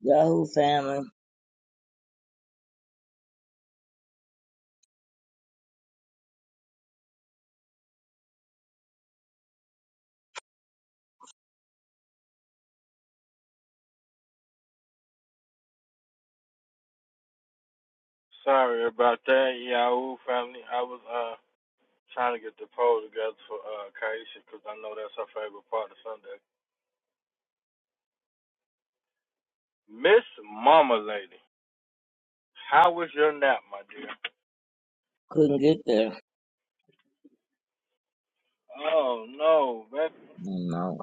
Yahoo family Sorry about that, Yahoo family. I was uh trying to get the poll together for uh Kaisha because I know that's her favorite part of Sunday. Miss Mama Lady, how was your nap, my dear? couldn't get there. Oh no, baby. You know,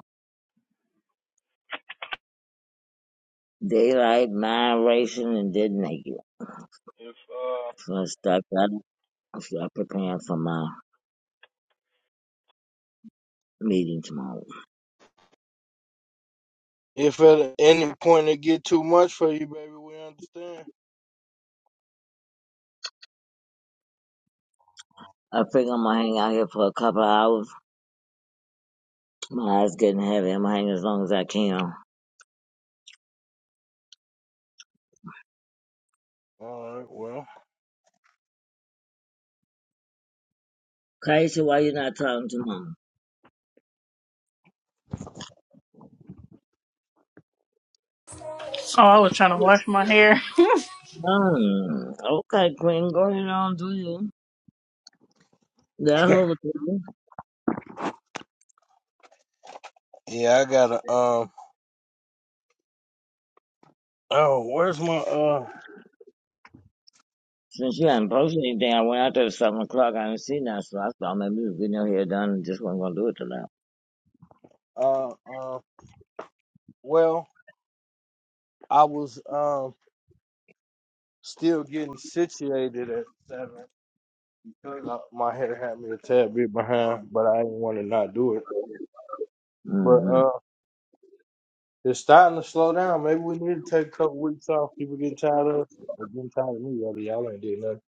daylight mind racing and didn't make it. If uh So I start got start preparing for my meeting tomorrow. if at any point it get too much for you, baby, we understand. I think I'm gonna hang out here for a couple of hours. My eyes getting heavy. I'm gonna hang as long as I can. All right, well, Kaisha, why you not talking to mom? Oh, I was trying to wash my hair. Hmm. Okay, Queen, go ahead on do you. That whole thing. yeah, I gotta um. Oh, where's my uh Since you hadn't posted anything, I went out there at seven o'clock. I didn't see nothing, so I thought maybe we was getting your hair done and just wasn't gonna do it till now. uh uh? Well, I was um still getting situated at seven. Uh, My hair had me a tad bit behind, but I didn't want to not do it. But Mm-hmm. uh, it's starting to slow down. Maybe we need to take a couple weeks off. People getting tired of us. Or getting tired of me, rather. Y'all ain't did nothing.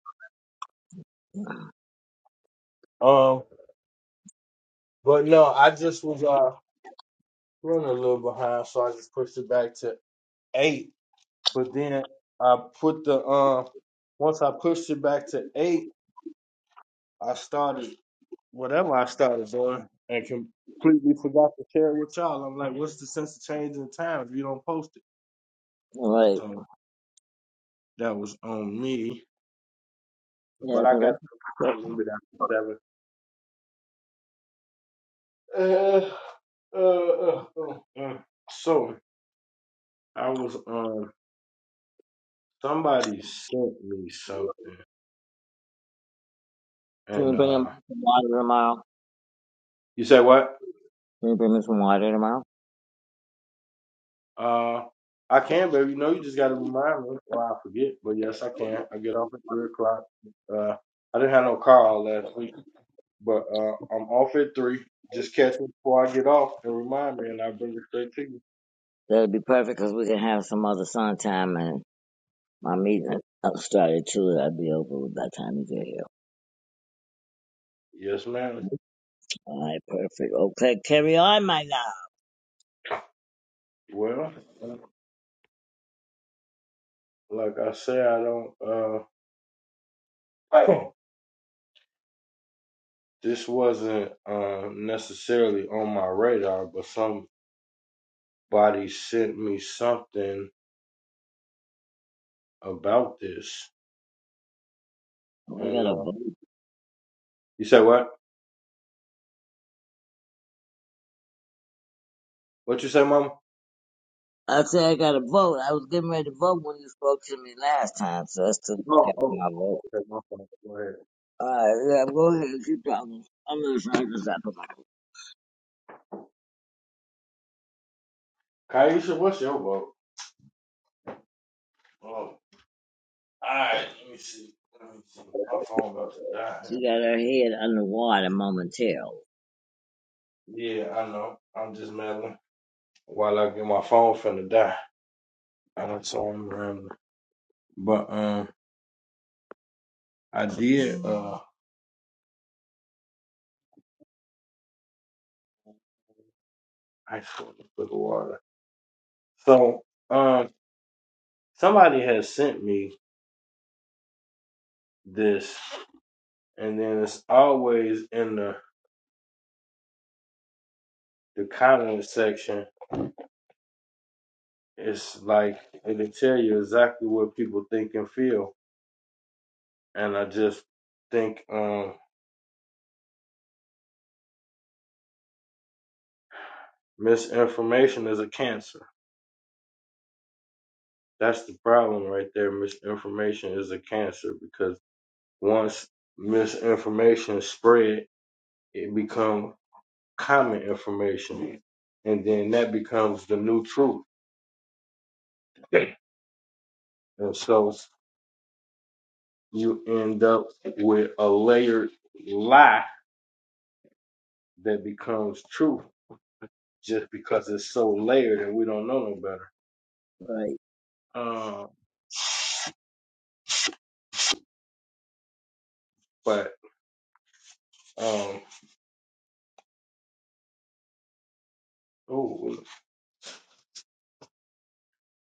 Um, but no, I just was uh running a little behind, so I just pushed it back to eight. But then I put the um once I pushed it back to eight, I started whatever I started doing and completely forgot to share it with y'all. I'm like, what's the sense of changing the time if you don't post it? All right. So That was on me. Yeah, But I cause got to come a little bit after seven. Uh, uh, uh, uh, uh. So I was um somebody sent me something can and you bring him uh some water tomorrow? you said what? Can you bring me some water tomorrow? Uh I can, baby. No, you just gotta remind me or I forget. But yes I can. I get off at three o'clock. Uh I didn't have no call last week, but uh I'm off at three. Just catch me before I get off and remind me and I'll bring it straight to you. That'd be perfect, cause we can have some other sun time and my meeting up started too. I'd be over by the time you get here. Yes, ma'am. All right, perfect. Okay, carry on, my love. Well, like I say, I don't. Uh, Right. this wasn't um, necessarily on my radar, but somebody sent me something about this. Oh, I And gotta uh, vote. you said what? What you say, Mama? I said I gotta vote. I was getting ready to vote when you spoke to me last time, so I still Oh, got okay, my vote. okay, my fault. Go ahead. All right, yeah, go ahead. Keep talking. I'm gonna try to stop her. Kaisha, what's your vote? Oh, all right. Let me see. Let me see. My phone about to die. here. She got her head underwater momentarily. Yeah, I know. I'm just meddling. While I get my phone finna die, uh, so I'm rambling. But um, I did. Uh, I just want to put the water. So, um, somebody has sent me this, and then it's always in the the comment section. It's like it'll tell you exactly what people think and feel, and I just think um, misinformation is a cancer. That's the problem right there. Misinformation is a cancer because once misinformation is spread, it becomes common information, and then that becomes the new truth And so you end up with a layered lie that becomes true just because it's so layered and we don't know no better. Right. Um, but um, ooh,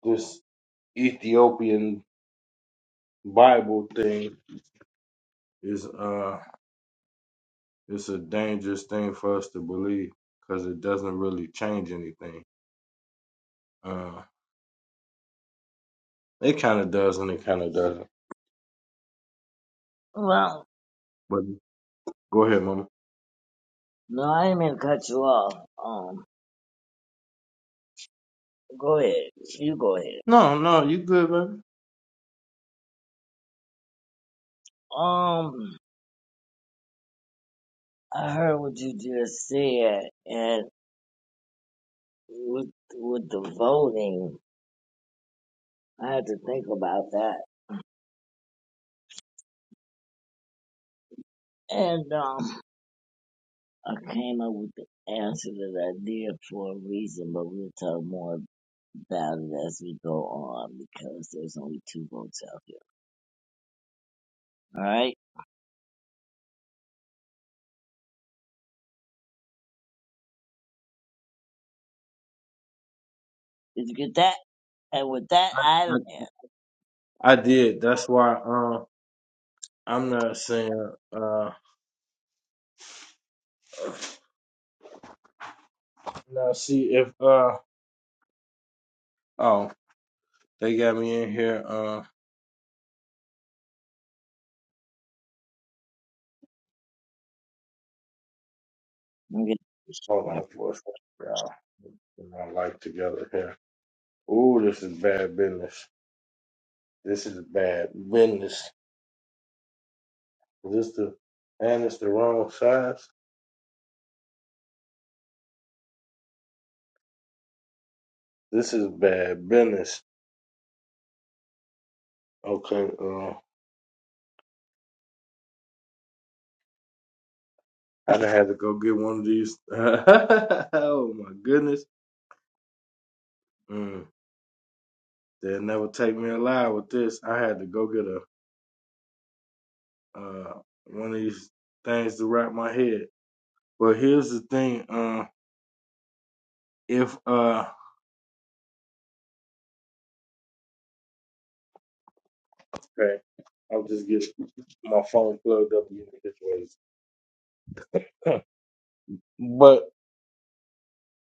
this Ethiopian Bible thing is uh, it's a dangerous thing for us to believe because it doesn't really change anything. Uh, it kind of does and it kind of doesn't. Well. But go ahead, mama. No, I didn't mean to cut you off. Um, go ahead. You go ahead. No, no, you good, baby. Um, I heard what you just said, and with with the voting, I had to think about that, and um, I came up with the answer that I did for a reason, but we'll talk more about it as we go on because there's only two votes out here. All right, did you get that? And with that, I I, land. I did. That's why. Um, I'm not saying uh now see if uh oh they got me in here uh I'm going hold on for a second y'all. We're not like together here. Ooh, this is bad business. This is bad business. Is this the and it's the wrong size? This is bad business. Okay, uh I done had to go get one of these oh my goodness. Mm, they'll never take me alive with this. I had to go get a uh one of these things to wrap my head. Well, here's the thing. Uh, if uh, okay, I'll just get my phone plugged up in different ways. but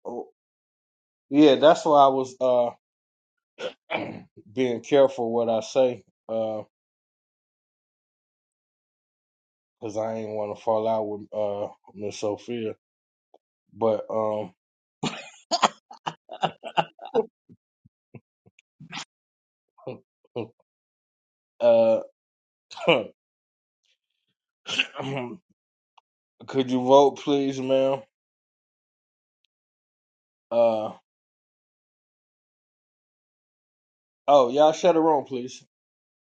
oh, yeah, that's why I was uh being careful what I say uh, because I ain't want to fall out with uh Miss Sophia. But um, uh, could you vote, please, ma'am? Uh, oh, y'all shut the room, please.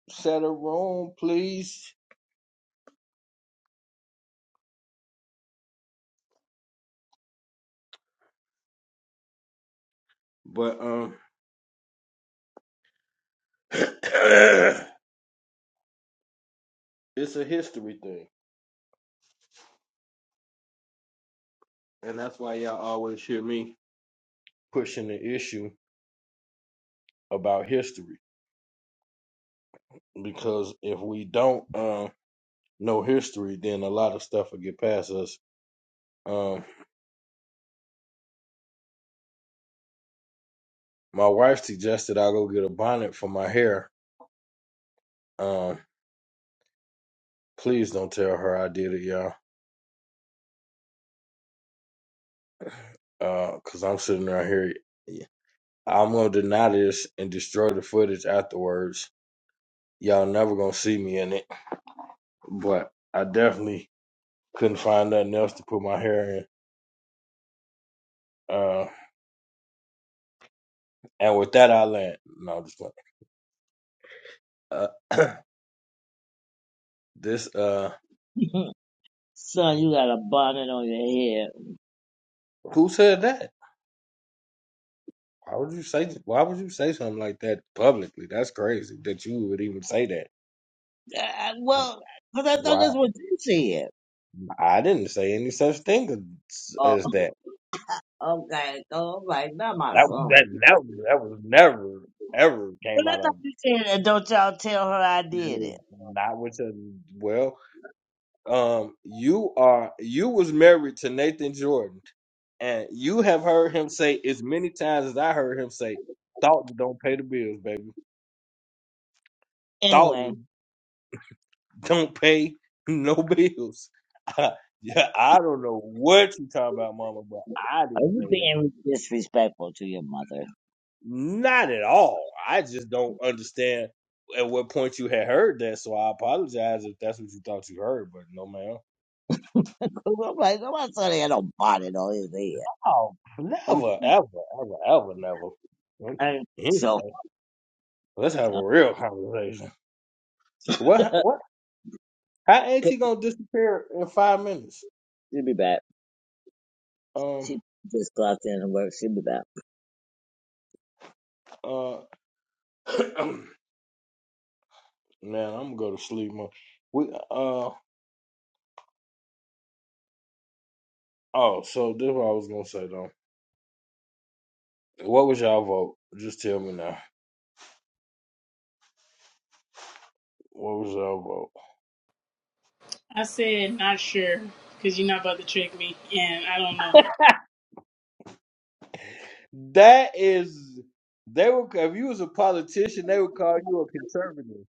Shut the room, please. But um. it's a history thing, and that's why y'all always hear me pushing the issue about history because if we don't uh, know history, then a lot of stuff will get past us. Um, my wife suggested I go get a bonnet for my hair. Um, please don't tell her I did it, y'all, Uh, because I'm sitting right here. I'm gonna deny this and destroy the footage afterwards. Y'all never gonna see me in it, but I definitely couldn't find nothing else to put my hair in. Uh, And with that, I land. No, I'm just playing. Uh, this uh, Son, you got a bonnet on your head. who said that? Why would you say? Why would you say something like that publicly? That's crazy that you would even say that. Uh, well, because I thought that's Wow, what you said. I didn't say any such thing as, Oh, as that. okay. So I'm like, not my That son. that that, that was never ever But came I out thought of you said that. Don't y'all tell her I did it. not with a well. Um, you are you was married to Nathan Jordan, and you have heard him say as many times as I heard him say, "Thought don't pay the bills, baby." Anyway, Dalton don't pay no bills. I, yeah, I don't know what you talking about, Mama, but I are didn't you say that. being disrespectful to your mother? Not at all. I just don't understand at what point you had heard that. So I apologize if that's what you thought you heard, but no, ma'am. I'm like, no, my son had no bonnet on his head. Oh, Okay. never, ever, ever, ever, never. And So, Anyway, let's have a real conversation. What? What? How ain't she'll he gonna disappear in five minutes? be back. Um. She just clocked in and work. She'll be back. Uh. Man, I'm gonna go to sleep. Man. We uh oh, so this is what I was gonna say though. What was y'all vote? Just tell me now. What was y'all vote? I said, not sure, because you're not about to trick me, and I don't know. That is, they would if you was a politician, they would call you a conservative.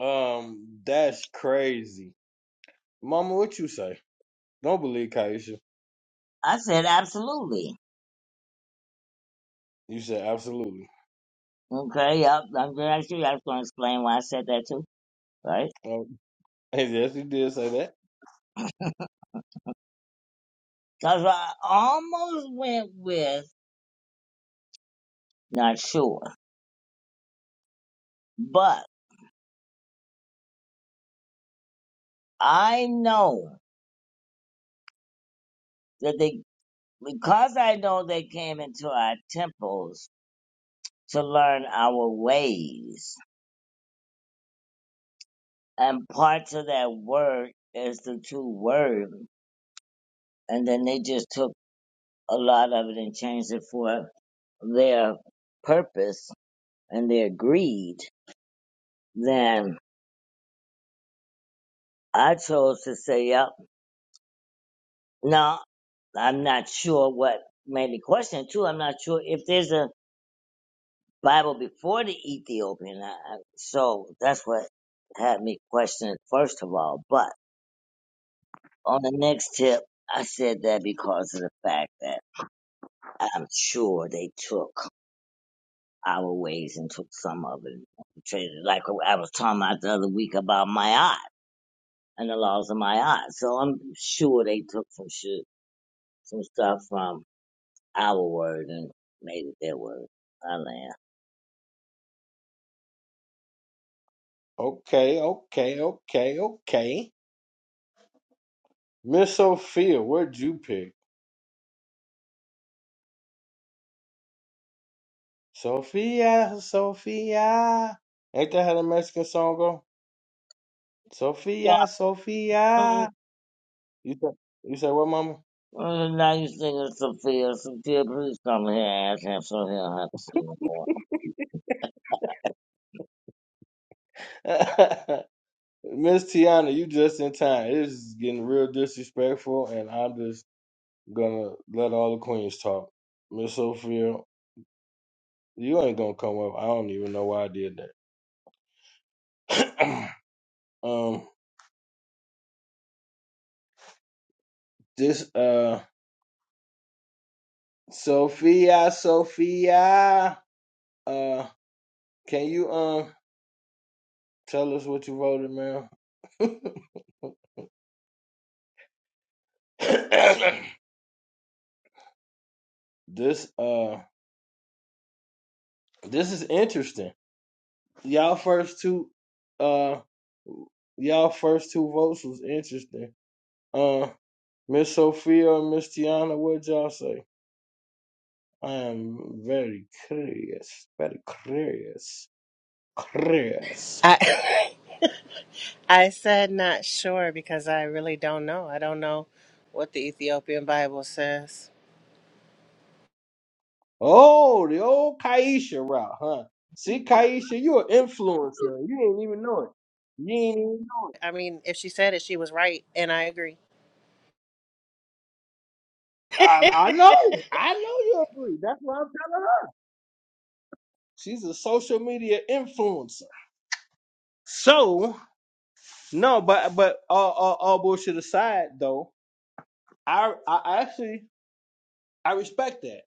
Um, that's crazy, Mama. What you say? Don't believe Kaisha. I said, absolutely. You said absolutely. Okay, yep. I'm glad you. I was going to explain why I said that too, right? Oh, yes, you did say that. Because I almost went with. Not sure. But I know that they, because I know they came into our temples to learn our ways. And parts of that word is the true word. And then they just took a lot of it and changed it for their purpose and their greed. Then I chose to say, yep, no, I'm not sure what made the question too. I'm not sure if there's a Bible before the Ethiopian. I, I- so that's what had me question it first of all. But on the next tip, I said that because of the fact that I'm sure they took our ways and took some of it and traded it. Like I was talking about the other week about my art and the laws of my art. So I'm sure they took some shit, some stuff from our word and made it their word. I land. Okay, okay, okay, okay. Miss Sophia, where'd you pick? Sophia, Sophia. Ain't that how the Mexican song go? Sophia, Yeah. Sophia. You said, you said what, mama? Well, now you singing some Sophia. Sophia, please come here and ask him so he'll have to sing. Miss Tiana, you just in time. This is getting real disrespectful, and I'm just gonna let all the queens talk. Miss Sophia, you ain't gonna come up. I don't even know why I did that. um, this uh, Sophia, Sophia. Uh, can you um? Tell us what you voted, man. this uh this is interesting. Y'all first two uh y'all first two votes was interesting. Uh Miss Sophia and Miss Tiana, what y'all say? I am very curious. Very curious. Curious. I I said not sure because I really don't know. I don't know what the Ethiopian Bible says. Oh, the old Kaisha route, huh? See, Kaisha, you're an influencer. You didn't even know it. You ain't I mean, if she said it, she was right, and I agree. I, I know. I know you agree. That's what I'm telling her. She's a social media influencer. So no, but but all, all, all bullshit aside, though, I I actually I respect that.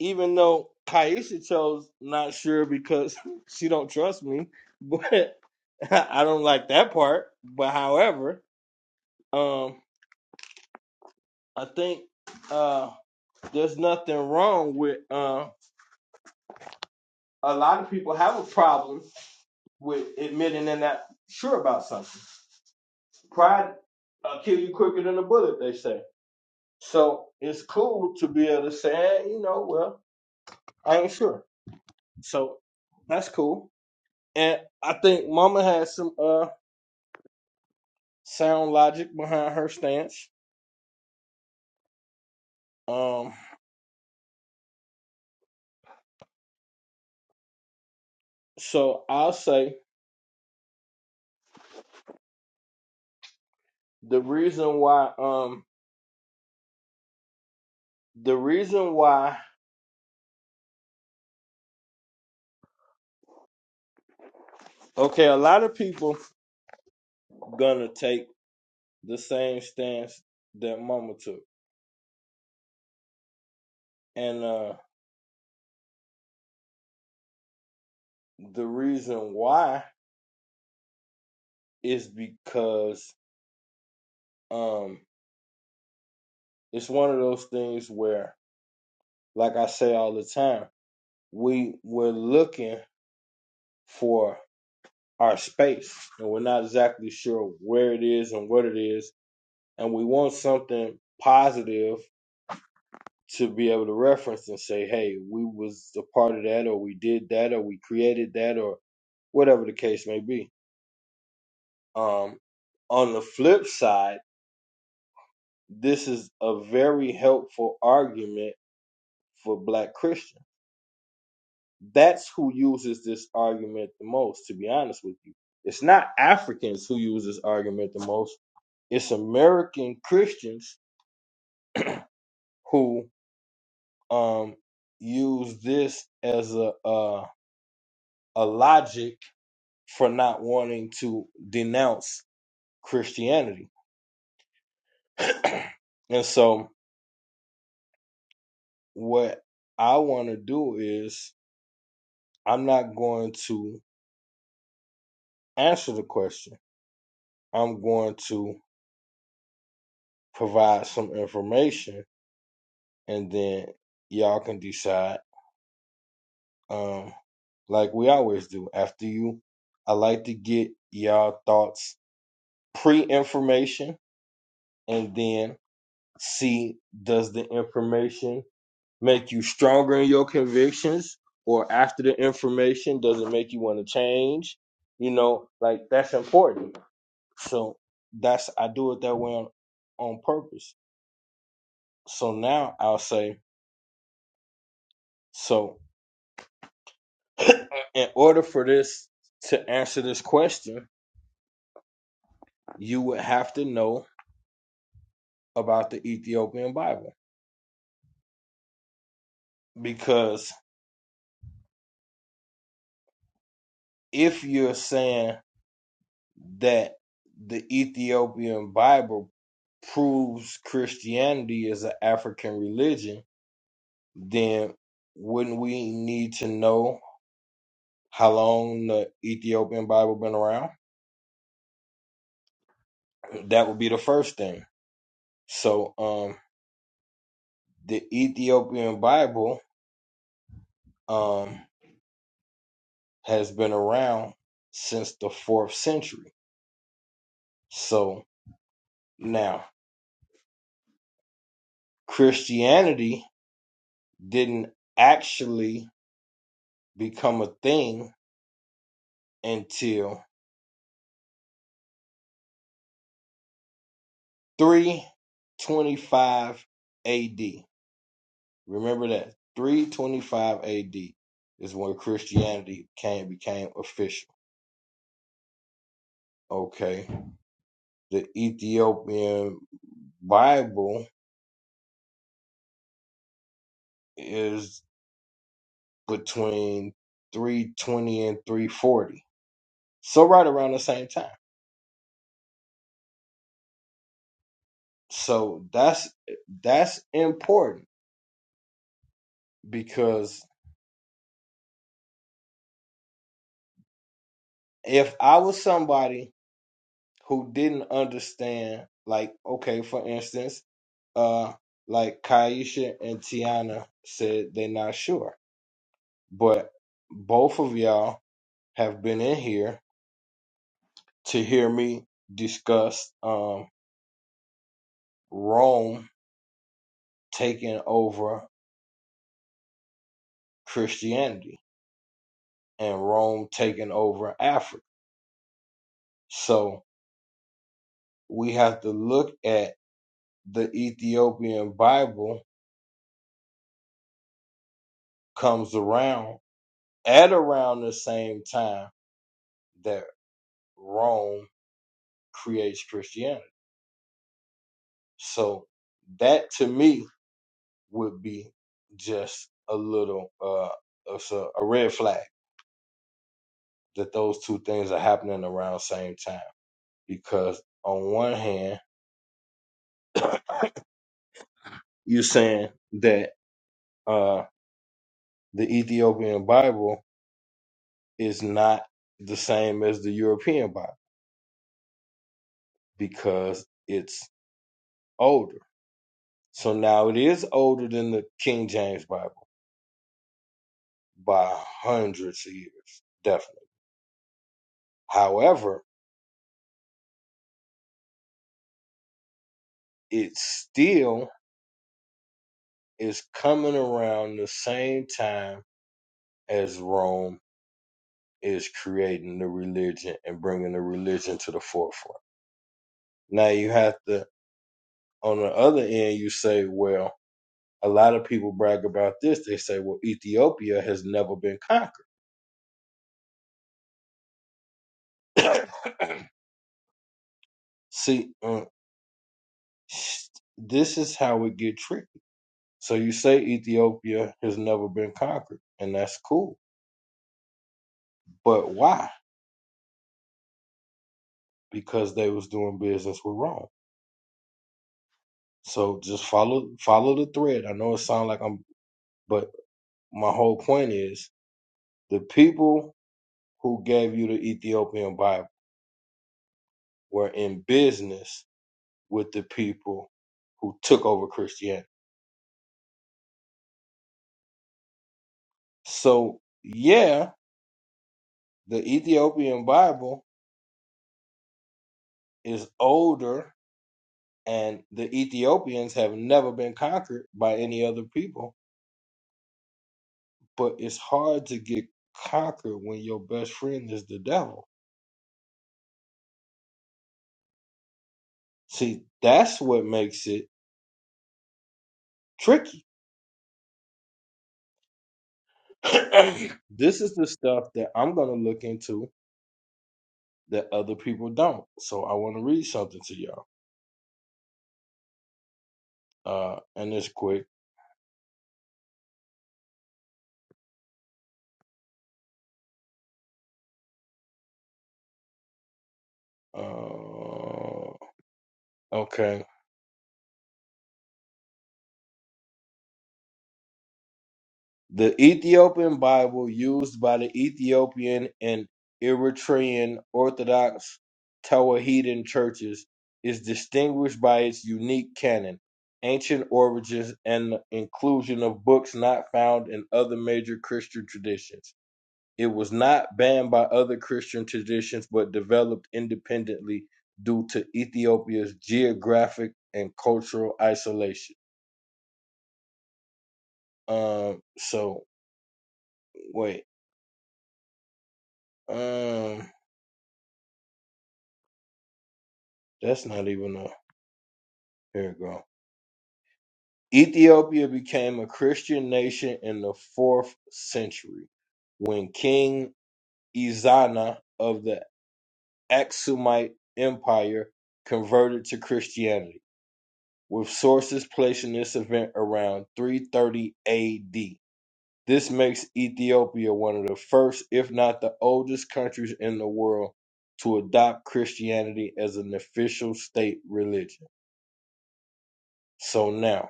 Even though Kaisha chose not sure because she don't trust me, but I don't like that part. But however, um, I think uh, there's nothing wrong with uh, a lot of people have a problem with admitting they're not sure about something. Pride will kill you quicker than a bullet, they say. So it's cool to be able to say, "Eh, you know, well, I ain't sure. So that's cool. And I think Mama has some uh sound logic behind her stance. Um, so I'll say the reason why um the reason why okay, a lot of people gonna take the same stance that Mama took. And uh. The reason why is because um it's one of those things where like I say all the time, we we're looking for our space and we're not exactly sure where it is and what it is and we want something positive to be able to reference and say, "Hey, we was a part of that or we did that or we created that or whatever the case may be." Um on the flip side, this is a very helpful argument for black Christian. That's who uses this argument the most, to be honest with you. It's not Africans who use this argument the most. It's American Christians who um use this as a a, a logic for not wanting to denounce Christianity. and so what I want to do is I'm not going to answer the question. I'm going to provide some information and then y'all can decide um like we always do after you i like to get y'all thoughts pre-information and then see does the information make you stronger in your convictions or after the information does it make you want to change you know like that's important so that's i do it that way on, on purpose so now i'll say so in order for this to answer this question, you would have to know about the Ethiopian Bible. Because if you're saying that the Ethiopian Bible proves Christianity is an African religion, then wouldn't we need to know how long the Ethiopian Bible been around? That would be the first thing. So um the Ethiopian Bible um, has been around since the fourth century. So now, Christianity didn't actually become a thing until 325 AD. Remember that 325 AD is when Christianity came became official. Okay, the Ethiopian Bible is between 320 and 340, so right around the same time. So that's that's important because if I was somebody who didn't understand, like okay, for instance, uh, like Kaisha and Tiana said they're not sure, but both of y'all have been in here to hear me discuss um Rome taking over Christianity and Rome taking over Africa. So we have to look at the Ethiopian Bible comes around at around the same time that Rome creates Christianity. So that to me would be just a little uh it's a, a red flag that those two things are happening around the same time because on one hand you're saying that uh the Ethiopian Bible is not the same as the European Bible because it's older So now it is older than the King James Bible by hundreds of years, definitely. However, it still is coming around the same time as Rome is creating the religion and bringing the religion to the forefront. Now you have to, on the other end, you say, well, a lot of people brag about this. They say, well, Ethiopia has never been conquered. See, uh, this is how we get tricky So you say Ethiopia has never been conquered, and that's cool. But why? Because they was doing business with Rome. So just follow follow the thread. I know it sounds like I'm but my whole point is the people who gave you the Ethiopian Bible were in business with the people who took over Christianity. So yeah, the Ethiopian Bible is older and the Ethiopians have never been conquered by any other people But it's hard to get conquered when your best friend is the devil. See, that's what makes it tricky. this is the stuff that I'm gonna look into that other people don't. So I want to read something to y'all, uh, and it's quick. Uh, okay. The Ethiopian Bible used by the Ethiopian and Eritrean Orthodox Tewahedan churches is distinguished by its unique canon, ancient origins, and the inclusion of books not found in other major Christian traditions. It was not banned by other Christian traditions but developed independently due to Ethiopia's geographic and cultural isolation. Um so wait. Um That's not even a Here we go. Ethiopia became a Christian nation in the fourth century when King Ezana of the Aksumite Empire converted to Christianity, with sources placing this event around 330 AD. This makes Ethiopia one of the first, if not the oldest, countries in the world to adopt Christianity as an official state religion. So now,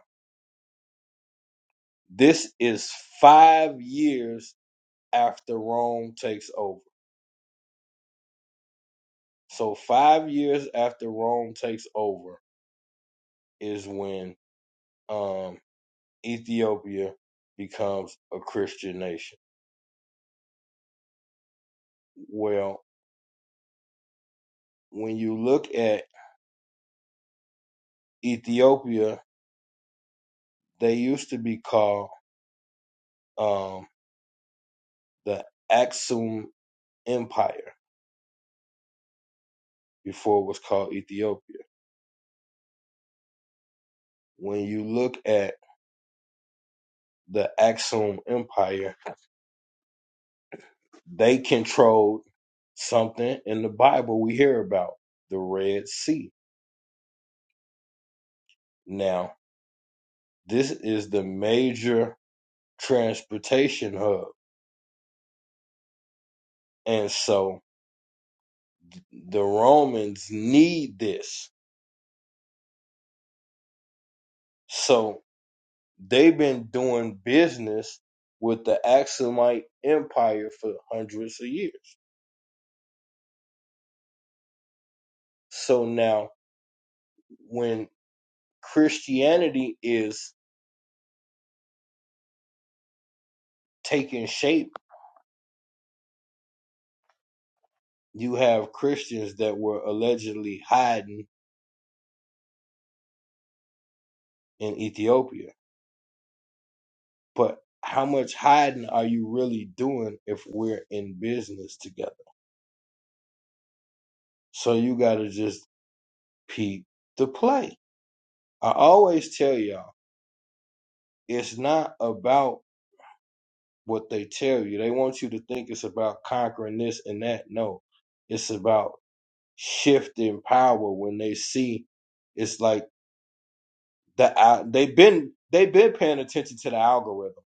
This is five years after Rome takes over. So five years after Rome takes over is when um, Ethiopia becomes a Christian nation. Well, when you look at Ethiopia, they used to be called um, the Aksum Empire before it was called Ethiopia. When you look at the Aksum Empire, They controlled something in the Bible we hear about the Red Sea. Now, this is the major transportation hub. And so the Romans need this. So they've been doing business with the Axumite Empire for hundreds of years. So now, when Christianity is taking shape, you have Christians that were allegedly hiding in Ethiopia. But how much hiding are you really doing if we're in business together? So you gotta just peep the play. I always tell y'all, it's not about what they tell you. They want you to think it's about conquering this and that. No, it's about shifting power when they see it's like the al- they've been they've been paying attention to the algorithm.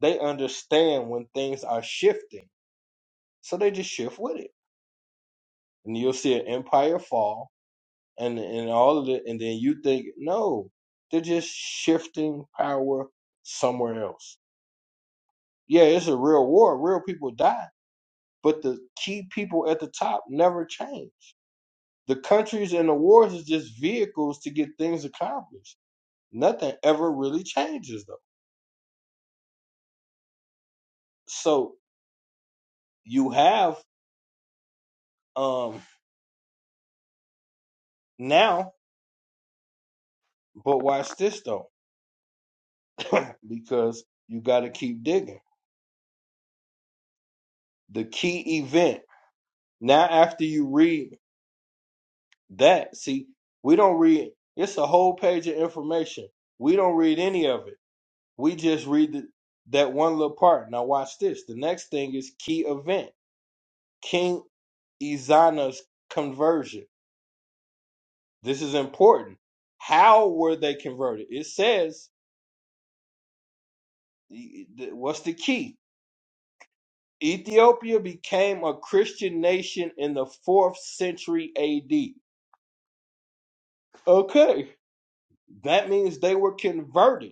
They understand when things are shifting, so they just shift with it and you'll see an empire fall and and all of it and then you think no they're just shifting power somewhere else yeah it's a real war real people die but the key people at the top never change the countries and the wars is just vehicles to get things accomplished nothing ever really changes though so you have um now but watch this though because you got to keep digging the key event Now, after you read that, see, we don't read, it's a whole page of information. We don't read any of it. We just read the, that one little part. Now, watch this. The next thing is key event King Izana's conversion. This is important. How were they converted? It says, what's the key? Ethiopia became a Christian nation in the fourth century AD. Okay, that means they were converted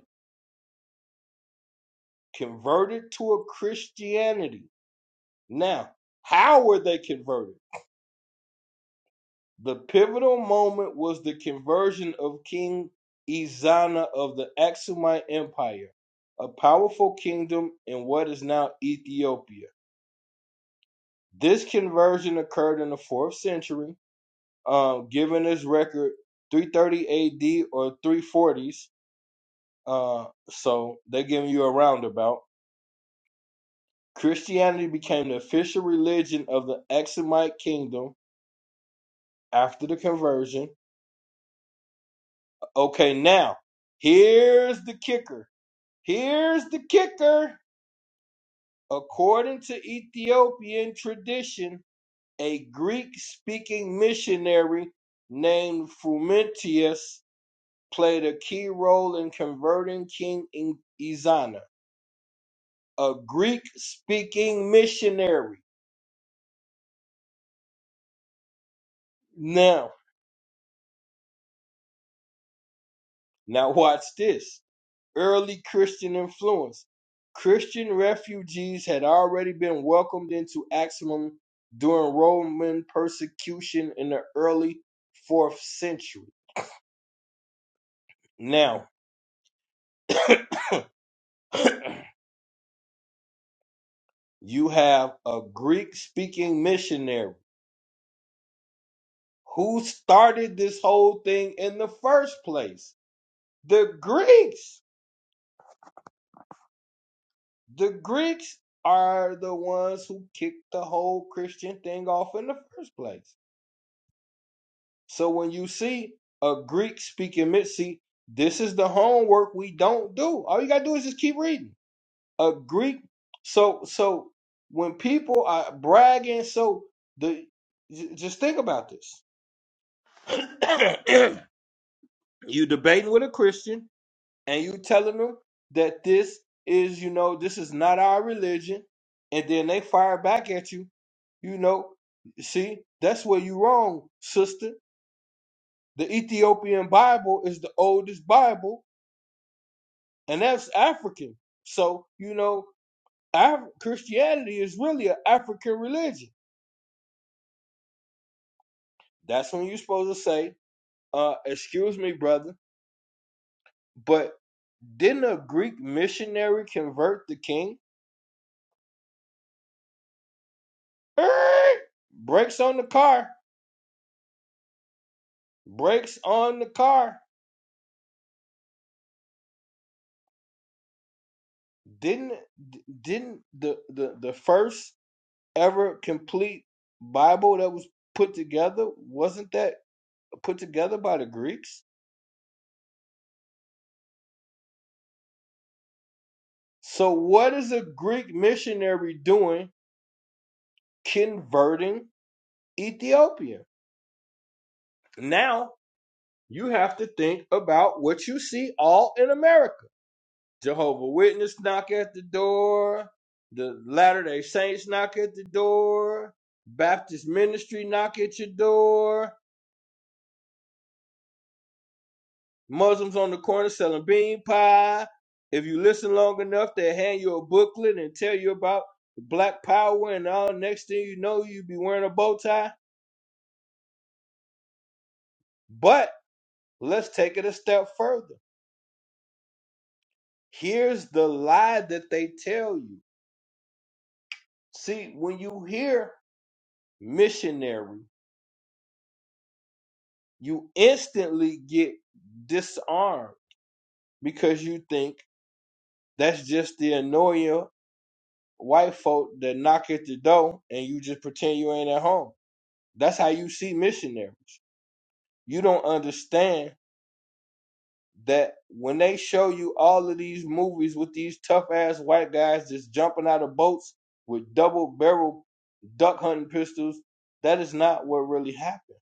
converted to a Christianity. Now, how were they converted? The pivotal moment was the conversion of King Ezana of the Aksumite Empire, a powerful kingdom in what is now Ethiopia. This conversion occurred in the 4th century, um, given this record 330 AD or 340s. Uh, so they're giving you a roundabout. Christianity became the official religion of the Aksumite kingdom after the conversion. Okay, now here's the kicker. Here's the kicker. According to Ethiopian tradition, a Greek speaking missionary named Frumentius played a key role in converting King In- Izana, a Greek speaking missionary. Now, now watch this. early Christian influence, Christian refugees had already been welcomed into Axum during Roman persecution in the early 4th century. Now, you have a Greek speaking missionary who started this whole thing in the first place. The Greeks. The Greeks are the ones who kicked the whole Christian thing off in the first place. So when you see a Greek speaking Mitzi, this is the homework we don't do. All you gotta do is just keep reading. A Greek. So so when people are bragging, so the j- just think about this. you debating with a Christian and you telling them that this is, you know, this is not our religion, and then they fire back at you, you know, see, that's where you wrong, sister. The Ethiopian Bible is the oldest Bible, and that's African. So, you know, Af- Christianity is really an African religion. That's when you're supposed to say, uh, excuse me, brother, but didn't a Greek missionary convert the king? Eh, Brakes on the car. Brakes on the car. Didn't didn't the, the, the first ever complete Bible that was put together, wasn't that put together by the Greeks? So, what is a Greek missionary doing converting Ethiopia? Now, you have to think about what you see all in America. Jehovah Witness knock at the door, the Latter day Saints knock at the door, Baptist ministry knock at your door, Muslims on the corner selling bean pie. If you listen long enough, they hand you a booklet and tell you about black power, and all next thing you know, you be wearing a bow tie. But Let's take it a step further. Here's the lie that they tell you. See, when you hear missionary, you instantly get disarmed because you think that's just the annoying white folk that knock at the door and you just pretend you ain't at home. That's how you see missionaries. You don't understand that when they show you all of these movies with these tough ass white guys just jumping out of boats with double barrel duck hunting pistols, that is not what really happened.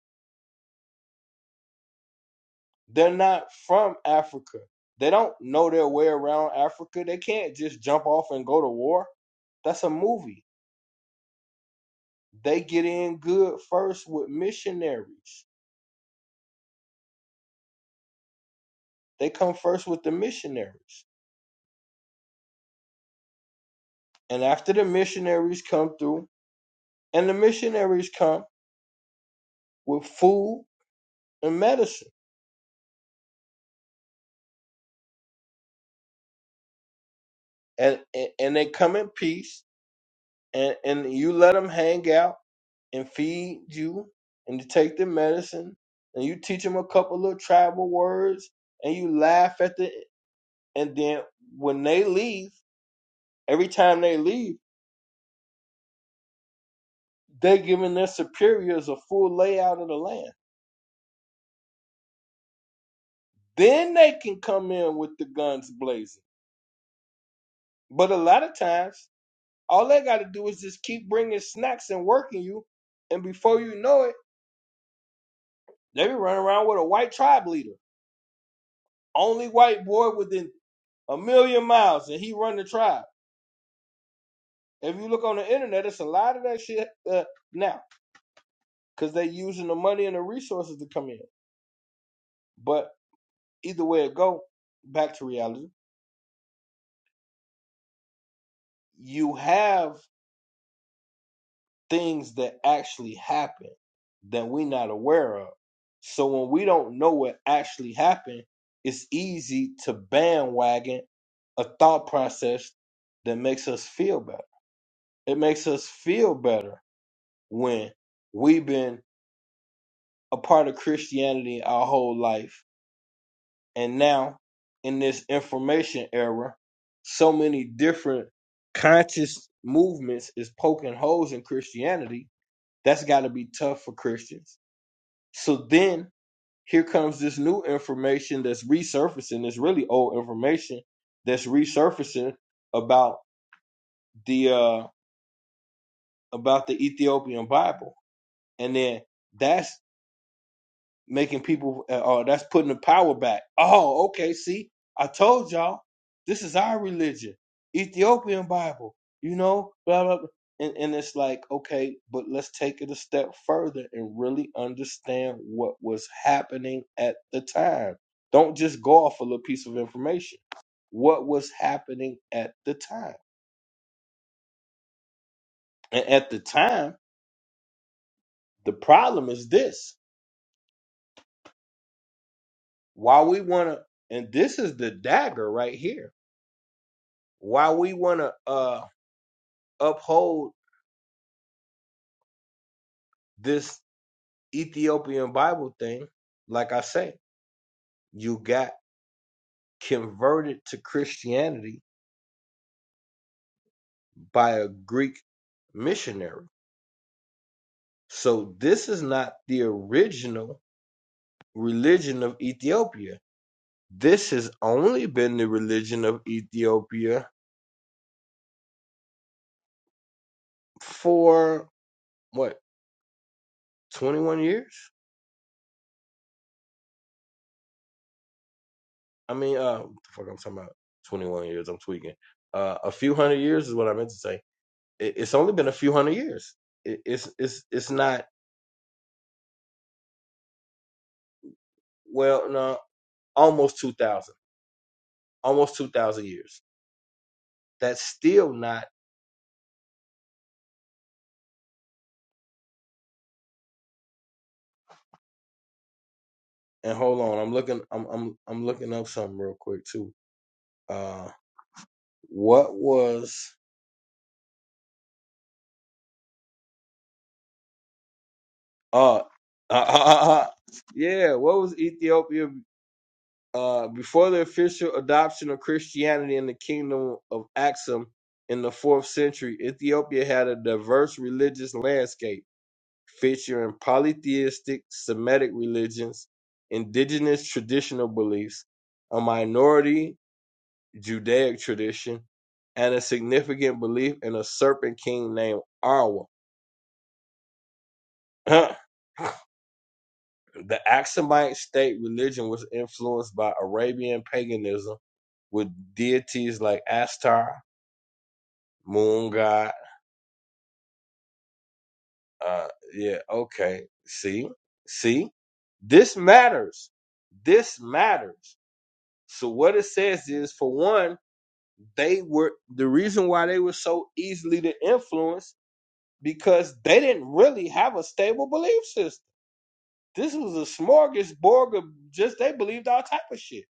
They're not from Africa. They don't know their way around Africa. They can't just jump off and go to war. That's a movie. They get in good first with missionaries. They come first with the missionaries. And after the missionaries come through, and the missionaries come with food and medicine, and and, and they come in peace, and and you let them hang out and feed you, and you take their medicine, and you teach them a couple little tribal words, and you laugh at the, and then when they leave, every time they leave, they're giving their superiors a full layout of the land. Then they can come in with the guns blazing. But a lot of times, all they got to do is just keep bringing snacks and working you, and before you know it They be running around with a white tribe leader, only white boy within a million miles, and he run the tribe. If you look on the internet, it's a lot of that shit uh, now because they using the money and the resources to come in. But either way it go, back to reality. You have things that actually happen that we not aware of. So when we don't know what actually happened, it's easy to bandwagon a thought process that makes us feel better It makes us feel better when we've been a part of Christianity our whole life. And now, in this information era, so many different conscious movements is poking holes in Christianity. That's got to be tough for Christians. So then here comes this new information that's resurfacing. It's really old information that's resurfacing about the uh, about the Ethiopian Bible, and then that's making people uh, oh that's putting the power back oh okay see i told y'all this is our religion ethiopian bible you know blah blah, blah. And, and it's like okay but let's take it a step further and really understand what was happening at the time don't just go off a little piece of information what was happening at the time and at the time the problem is this why we want to and this is the dagger right here why we want to uh uphold this Ethiopian Bible thing, like I say, you got converted to Christianity by a Greek missionary. So this is not the original religion of Ethiopia. This has only been the religion of Ethiopia for what 21 years? I mean, uh, what the fuck, I'm talking about 21 years. I'm tweaking. Uh, a few hundred years is what I meant to say It, it's only been a few hundred years. It, it's it's it's not well, no, almost two thousand, almost two thousand years. That's still not. And hold on, I'm looking. I'm I'm I'm looking up something real quick too. Uh, what was uh, uh, uh, uh yeah, what was Ethiopia uh before the official adoption of Christianity in the kingdom of Axum in the fourth century? Ethiopia had a diverse religious landscape featuring polytheistic Semitic religions, indigenous traditional beliefs, a minority Judaic tradition, and a significant belief in a serpent king named Arwa. the Aksumite state religion was influenced by Arabian paganism with deities like Astar, Moon God. Uh, yeah, okay. See, see, this matters. This matters So what it says is, for one, they were the reason why they were so easily to influence because they didn't really have a stable belief system. This was a smorgasbord of just they believed all type of shit.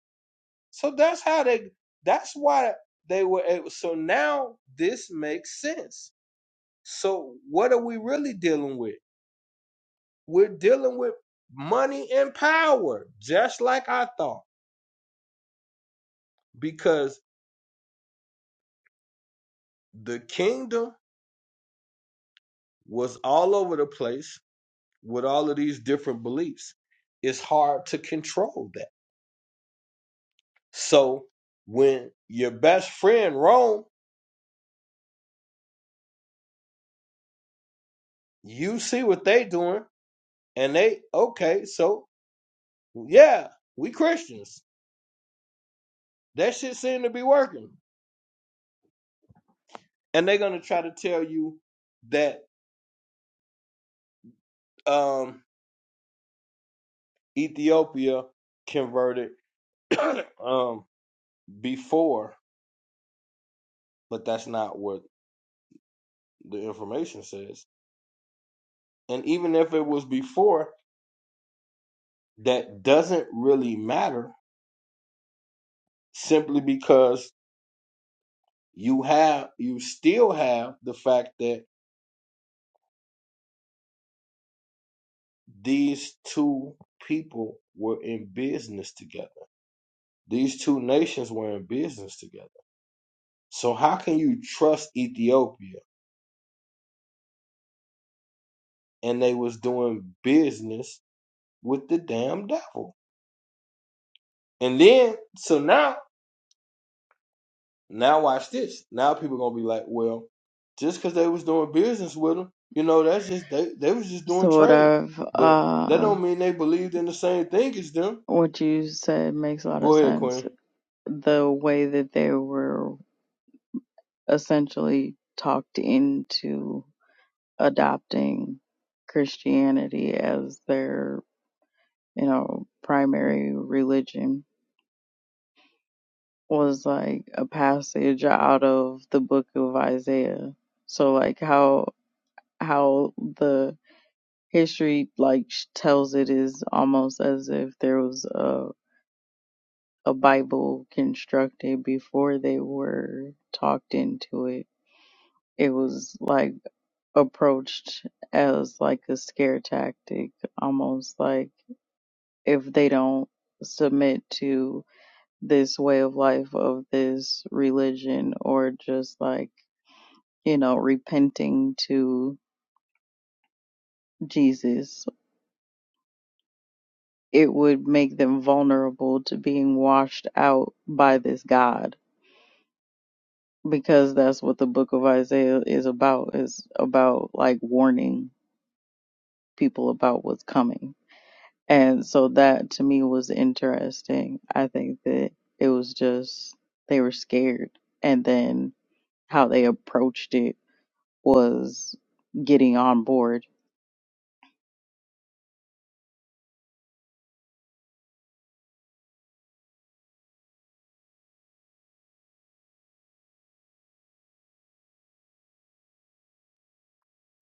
So that's how they. That's why they were. Able, so now this makes sense. So what are we really dealing with? We're dealing with money and power, just like I thought, because the kingdom was all over the place with all of these different beliefs. It's hard to control that. So when your best friend Rome, you see what they doing, and they okay, so yeah, we Christians. That shit seem to be working. And they're gonna try to tell you that um Ethiopia converted um before, but that's not what the information says. And even if it was before, that doesn't really matter simply because you have you still have the fact that these two people were in business together these two nations were in business together so how can you trust ethiopia and they was doing business with the damn devil and then so now now watch this now people gonna be like well just because they was doing business with them you know that's just they, they was just doing sort trade of but that uh don't mean they believed in the same thing as them what you said makes a lot of Go ahead, sense Queen. the way that they were essentially talked into adopting christianity as their you know primary religion was like a passage out of the book of isaiah so like how how the history like tells it is almost as if there was a a Bible constructed before they were talked into it. It was like approached as like a scare tactic, almost like if they don't submit to this way of life of this religion or just like, you know, repenting to Jesus, it would make them vulnerable to being washed out by this God because that's what the book of Isaiah is about is about like warning people about what's coming. And so that to me was interesting. I think that it was just they were scared and then how they approached it was getting on board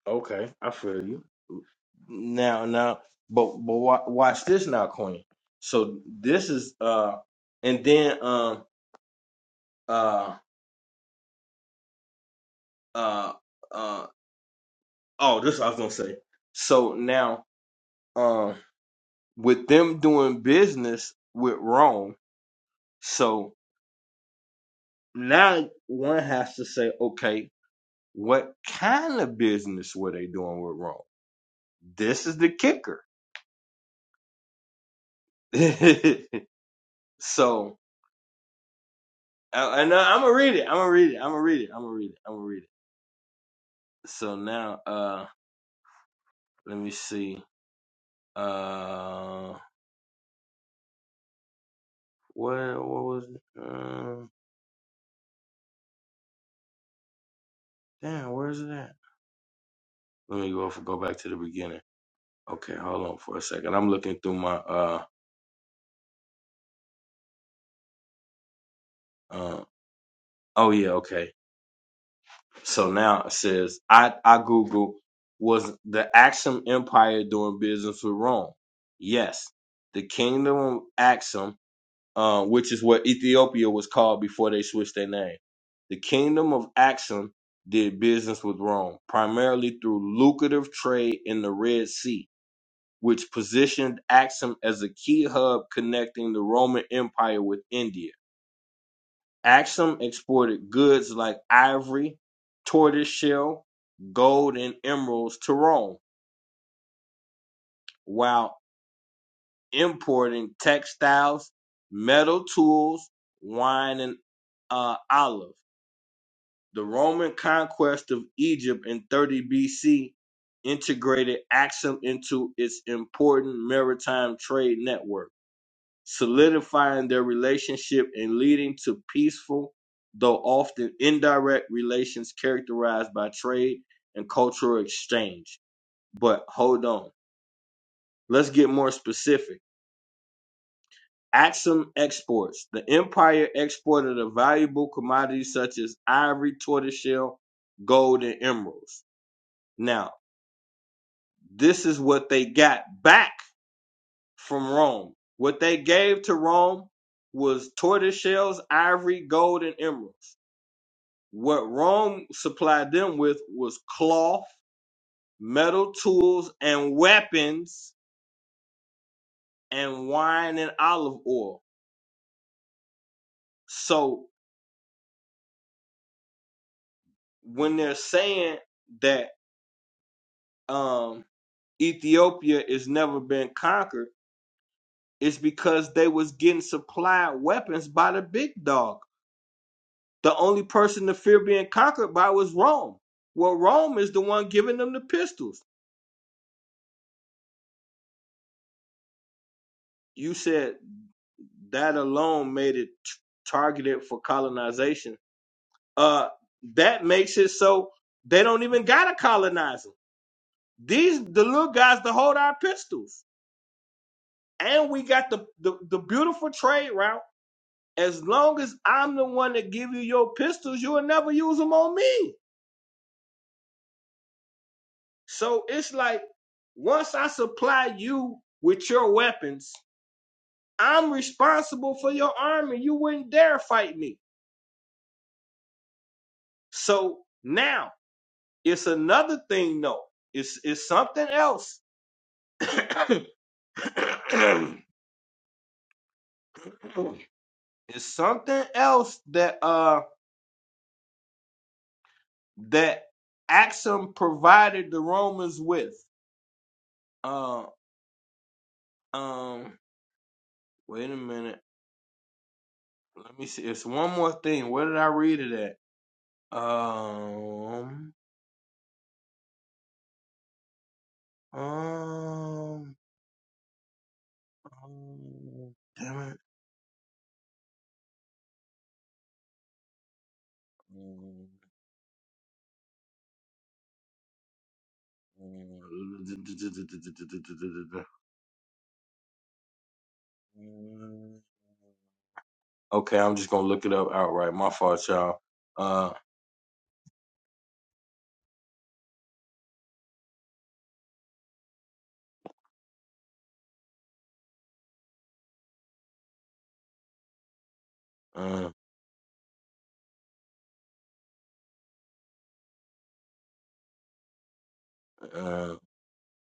Okay, I feel you. Now, now, but but wa- watch this now, Queen. So this is uh, and then um uh uh uh oh, this I was gonna say. So now um with them doing business with Rome, so now one has to say, okay, what kind of business were they doing with Rome? This is the kicker. so I, and I'm gonna read it. I'm gonna read it. I'm gonna read it. I'm gonna read it. I'm gonna read it. So now, uh, let me see. Uh, what what was? it? Uh, damn, where's it at? Let me go go back to the beginning. Okay, hold on for a second. I'm looking through my uh uh. Oh yeah, okay. So now it says I I Google was the Axum Empire doing business with Rome? Yes, the Kingdom of Axum um, which is what Ethiopia was called before they switched their name. The kingdom of Axum did business with Rome, primarily through lucrative trade in the Red Sea, which positioned Axum as a key hub connecting the Roman Empire with India. Axum exported goods like ivory, tortoiseshell, gold, and emeralds to Rome, while importing textiles, metal tools, wine, and uh, olives The Roman conquest of Egypt in 30 BC integrated Axum into its important maritime trade network, solidifying their relationship and leading to peaceful, though often indirect, relations characterized by trade and cultural exchange. But hold on, let's get more specific. Axum exports. The empire exported a valuable commodities such as ivory, tortoiseshell, gold, and emeralds. Now, This is what they got back from Rome. What they gave to Rome was tortoise shells, ivory, gold, and emeralds. What Rome supplied them with was cloth, metal tools, and weapons, and wine and olive oil. So when they're saying that um, Ethiopia has never been conquered, it's because they was getting supplied weapons by the big dog. The only person to fear being conquered by was Rome. Well, Rome is the one giving them the pistols. You said that alone made it t- targeted for colonization. Uh, that makes it so they don't even gotta colonize them. These the little guys to hold our pistols, and we got the the, the beautiful trade route. As long as I'm the one that give you your pistols, you'll never use them on me. So it's like once I supply you with your weapons, I'm responsible for your army. You wouldn't dare fight me. So now it's another thing, though. It's it's something else. it's something else that uh that Axum provided the Romans with. Uh, um, wait a minute. Let me see. It's one more thing. Where did I read it at? Um, um, um damn it. Okay, I'm just gonna look it up outright. My fault, y'all. Uh, uh, uh,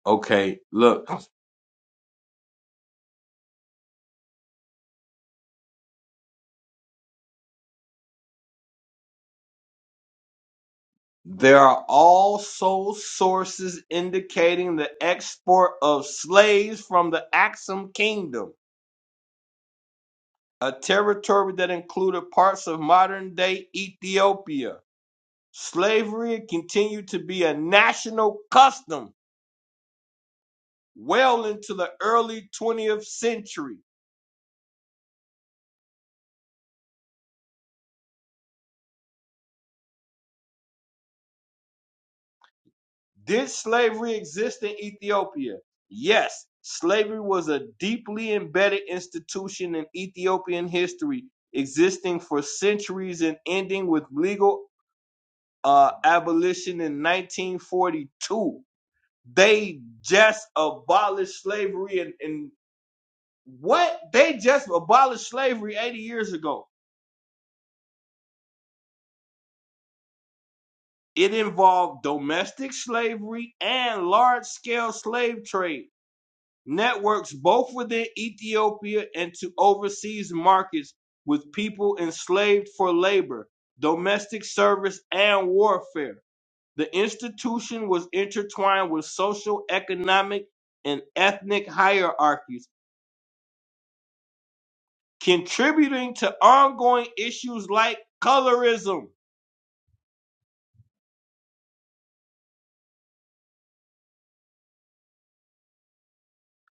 okay, look, there are also sources indicating the export of slaves from the Axum Kingdom, a territory that included parts of modern-day Ethiopia. Slavery continued to be a national custom well into the early 20th century. Did slavery exist in Ethiopia? Yes, slavery was a deeply embedded institution in Ethiopian history, existing for centuries and ending with legal uh, abolition in 1942. They just abolished slavery and, and what? They just abolished slavery 80 years ago. It involved domestic slavery and large scale slave trade networks both within Ethiopia and to overseas markets with people enslaved for labor, domestic service, and warfare. The institution was intertwined with social, economic, and ethnic hierarchies, contributing to ongoing issues like colorism.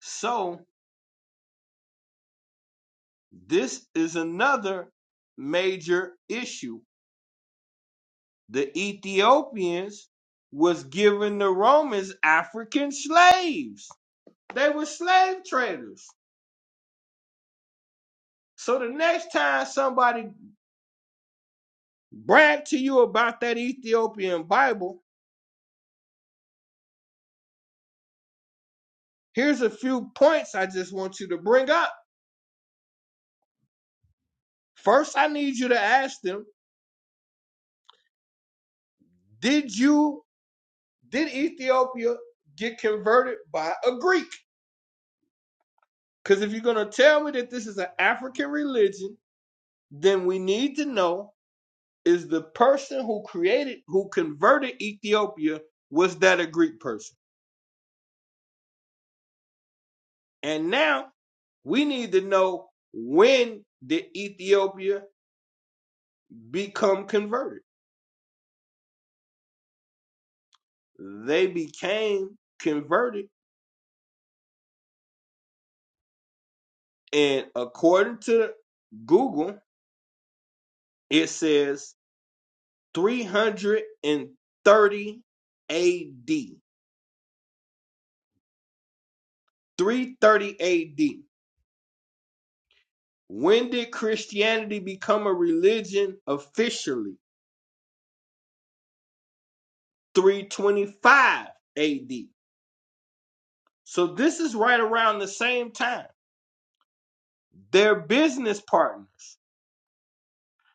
So, this is another major issue The Ethiopians was giving the Romans African slaves. They were slave traders. So the next time somebody brag to you about that Ethiopian Bible, here's a few points I just want you to bring up. First, I need you to ask them, did you did Ethiopia get converted by a Greek? Because if you're gonna tell me that this is an African religion, then we need to know is the person who created, who converted Ethiopia, was that a Greek person? And now we need to know when did Ethiopia become converted? They became converted, and according to Google, it says 330 AD. 330 AD. When did Christianity become a religion officially? 325 AD. So this is right around the same time. They're business partners.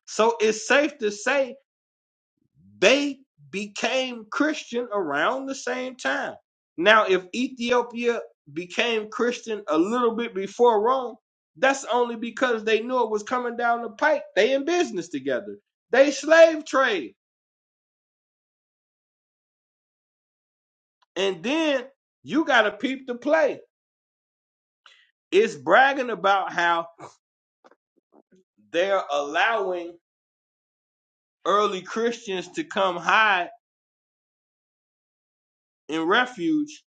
So it's safe to say they became Christian around the same time. Now, if Ethiopia became Christian a little bit before Rome, that's only because they knew it was coming down the pike. They in business together. They slave trade. And then you gotta peep the play. It's bragging about how they're allowing early Christians to come hide in refuge,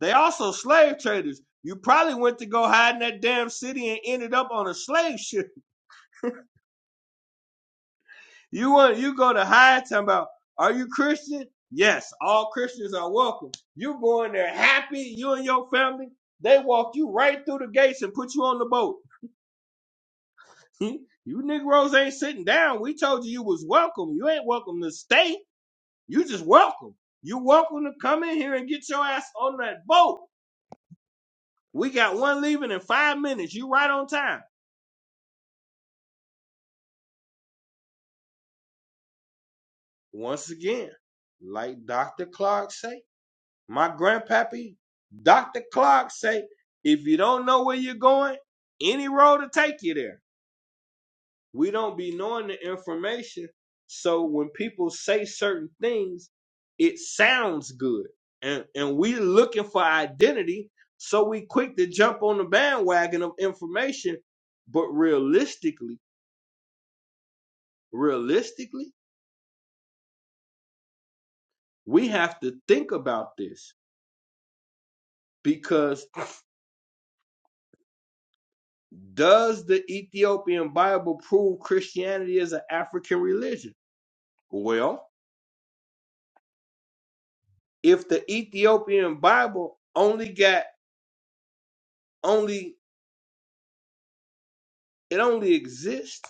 they also slave traders. You probably went to go hide in that damn city and ended up on a slave ship. You want you go to hide talking about, are you Christian? Yes, all Christians are welcome. You go in there happy, you and your family. They walk you right through the gates and put you on the boat. you Negroes ain't sitting down. We told you you was welcome. You ain't welcome to stay. You just welcome. You welcome to come in here and get your ass on that boat. We got one leaving in five minutes. You right on time. Once again, like Dr. Clark say, my grandpappy, Dr. Clark say, if you don't know where you're going, any road will take you there. We don't be knowing the information. So when people say certain things, it sounds good. And and we looking for identity. So we quick to jump on the bandwagon of information. But realistically, realistically, we have to think about this because does the Ethiopian Bible prove Christianity is an African religion? Well, if the Ethiopian Bible only got only it only exists,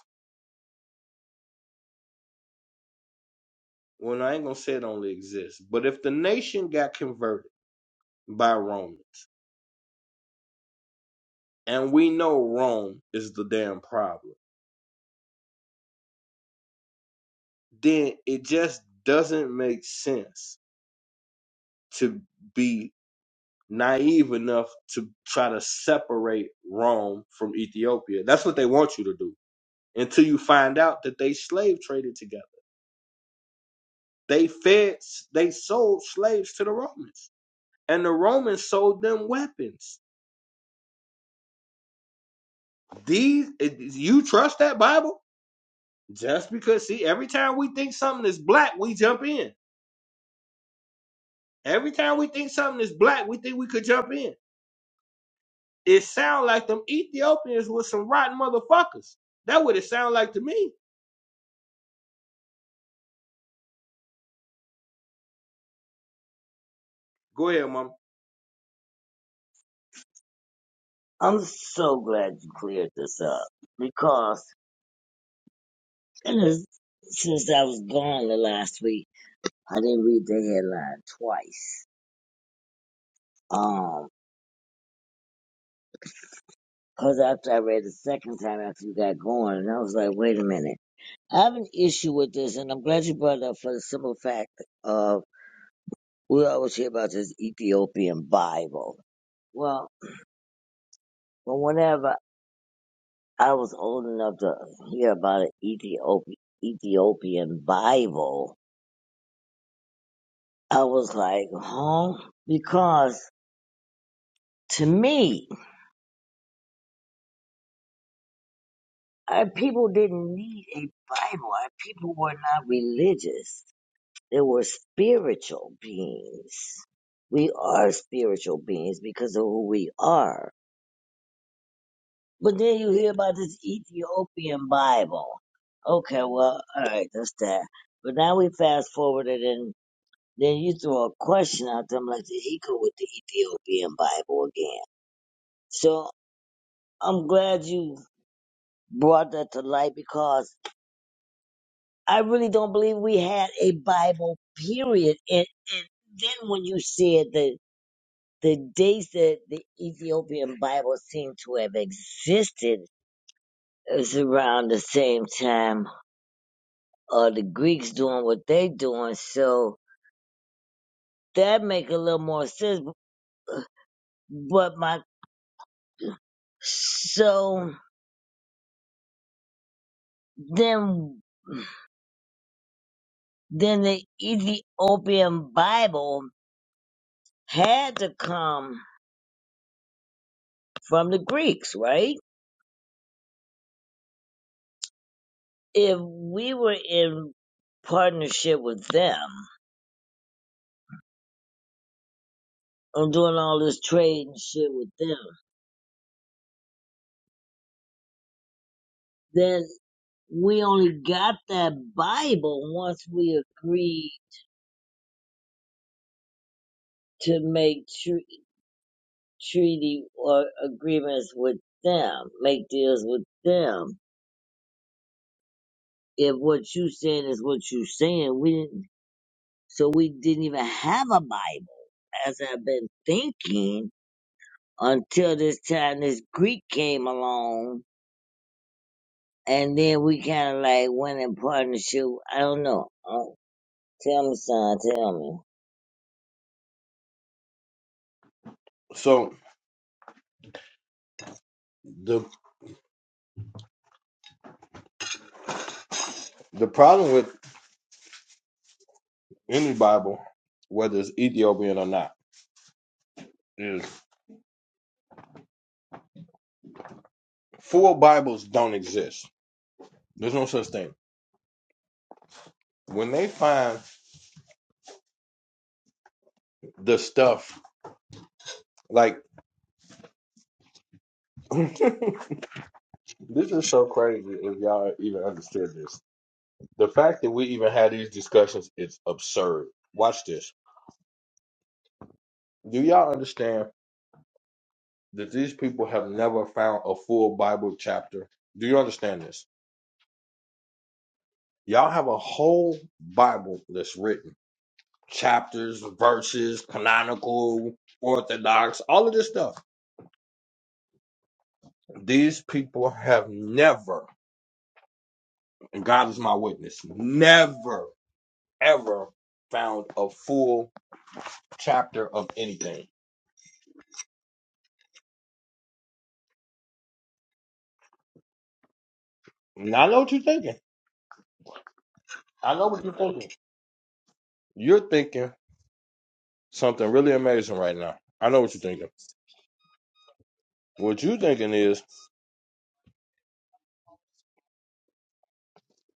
well, I ain't gonna say it only exists, but if the nation got converted by Romans and we know Rome is the damn problem, then it just doesn't make sense to be naive enough to try to separate Rome from Ethiopia. That's what they want you to do until you find out that they slave traded together. They fed, they sold slaves to the Romans, and the Romans sold them weapons. These, eh, you trust that Bible? Just because, see, every time we think something is black, we jump in. Every time we think something is black, we think we could jump in. It sounds like them Ethiopians were some rotten motherfuckers. That what it sound like to me. Go ahead, mama. I'm so glad you cleared this up because it is, since I was gone the last week, I didn't read the headline twice. Um, because after I read the second time after you got going, and I was like, wait a minute. I have an issue with this, and I'm glad you brought it up for the simple fact of we always hear about this Ethiopian Bible. Well, but whenever I was old enough to hear about an Ethiopian Ethiopian Bible. I was like, huh? Because to me, our people didn't need a Bible. Our people were not religious. They were spiritual beings. We are spiritual beings because of who we are. But then you hear about this Ethiopian Bible. Okay, well, alright, that's that. But now we fast forwarded in. Then you throw a question out them like there he go with the Ethiopian Bible again. So I'm glad you brought that to light because I really don't believe we had a Bible period. And, and then when you said that the dates that the Ethiopian Bible seemed to have existed is around the same time uh, the Greeks doing what they doing. So that make a little more sense. But my so then. then the Ethiopian Bible had to come from the Greeks, right? If we were in partnership with them and doing all this trade and shit with them, then we only got that Bible once we agreed to make tr- treaty or agreements with them, make deals with them. If what you saying is what you saying, we didn't, so we didn't even have a Bible as I've been thinking until this time this Greek came along, and then we kind of like went in partnership. I don't know. Oh, tell me, son. Tell me. So the the problem with any Bible, whether it's Ethiopian or not, is full Bibles don't exist. There's no such thing. When they find the stuff like this is so crazy if y'all even understood this. The fact that we even had these discussions is absurd. Watch this. Do y'all understand that these people have never found a full Bible chapter? Do you understand this? Y'all have a whole Bible that's written chapters, verses, canonical, orthodox, all of this stuff. These people have never, and God is my witness, never, ever found a full chapter of anything. And I know what you're thinking. I know what you're thinking. You're thinking something really amazing right now. I know what you're thinking. What you're thinking is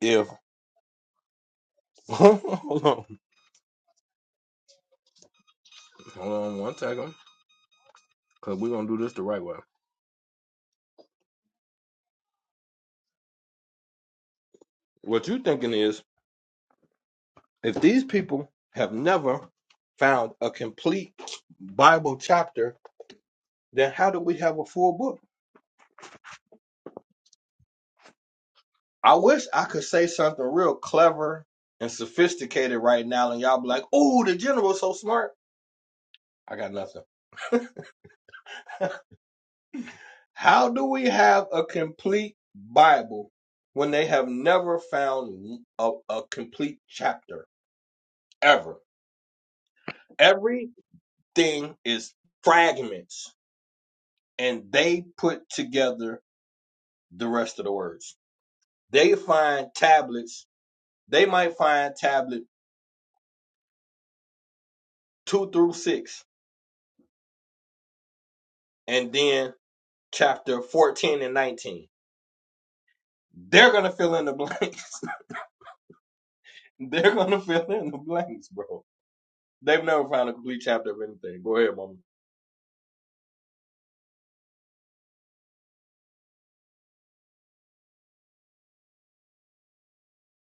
if hold on, hold on one second, because we're gonna do this the right way. What you're thinking is If these people have never found a complete Bible chapter, then how do we have a full book? I wish I could say something real clever and sophisticated right now, and y'all be like, oh, the general's so smart. I got nothing. How do we have a complete Bible when they have never found a, a complete chapter ever? Everything is fragments, and they put together the rest of the words. They find tablets. They might find tablet two through six, and then chapter fourteen and nineteen. They're gonna fill in the blanks. They're gonna fill in the blanks, bro. They've never found a complete chapter of anything. Go ahead, mama.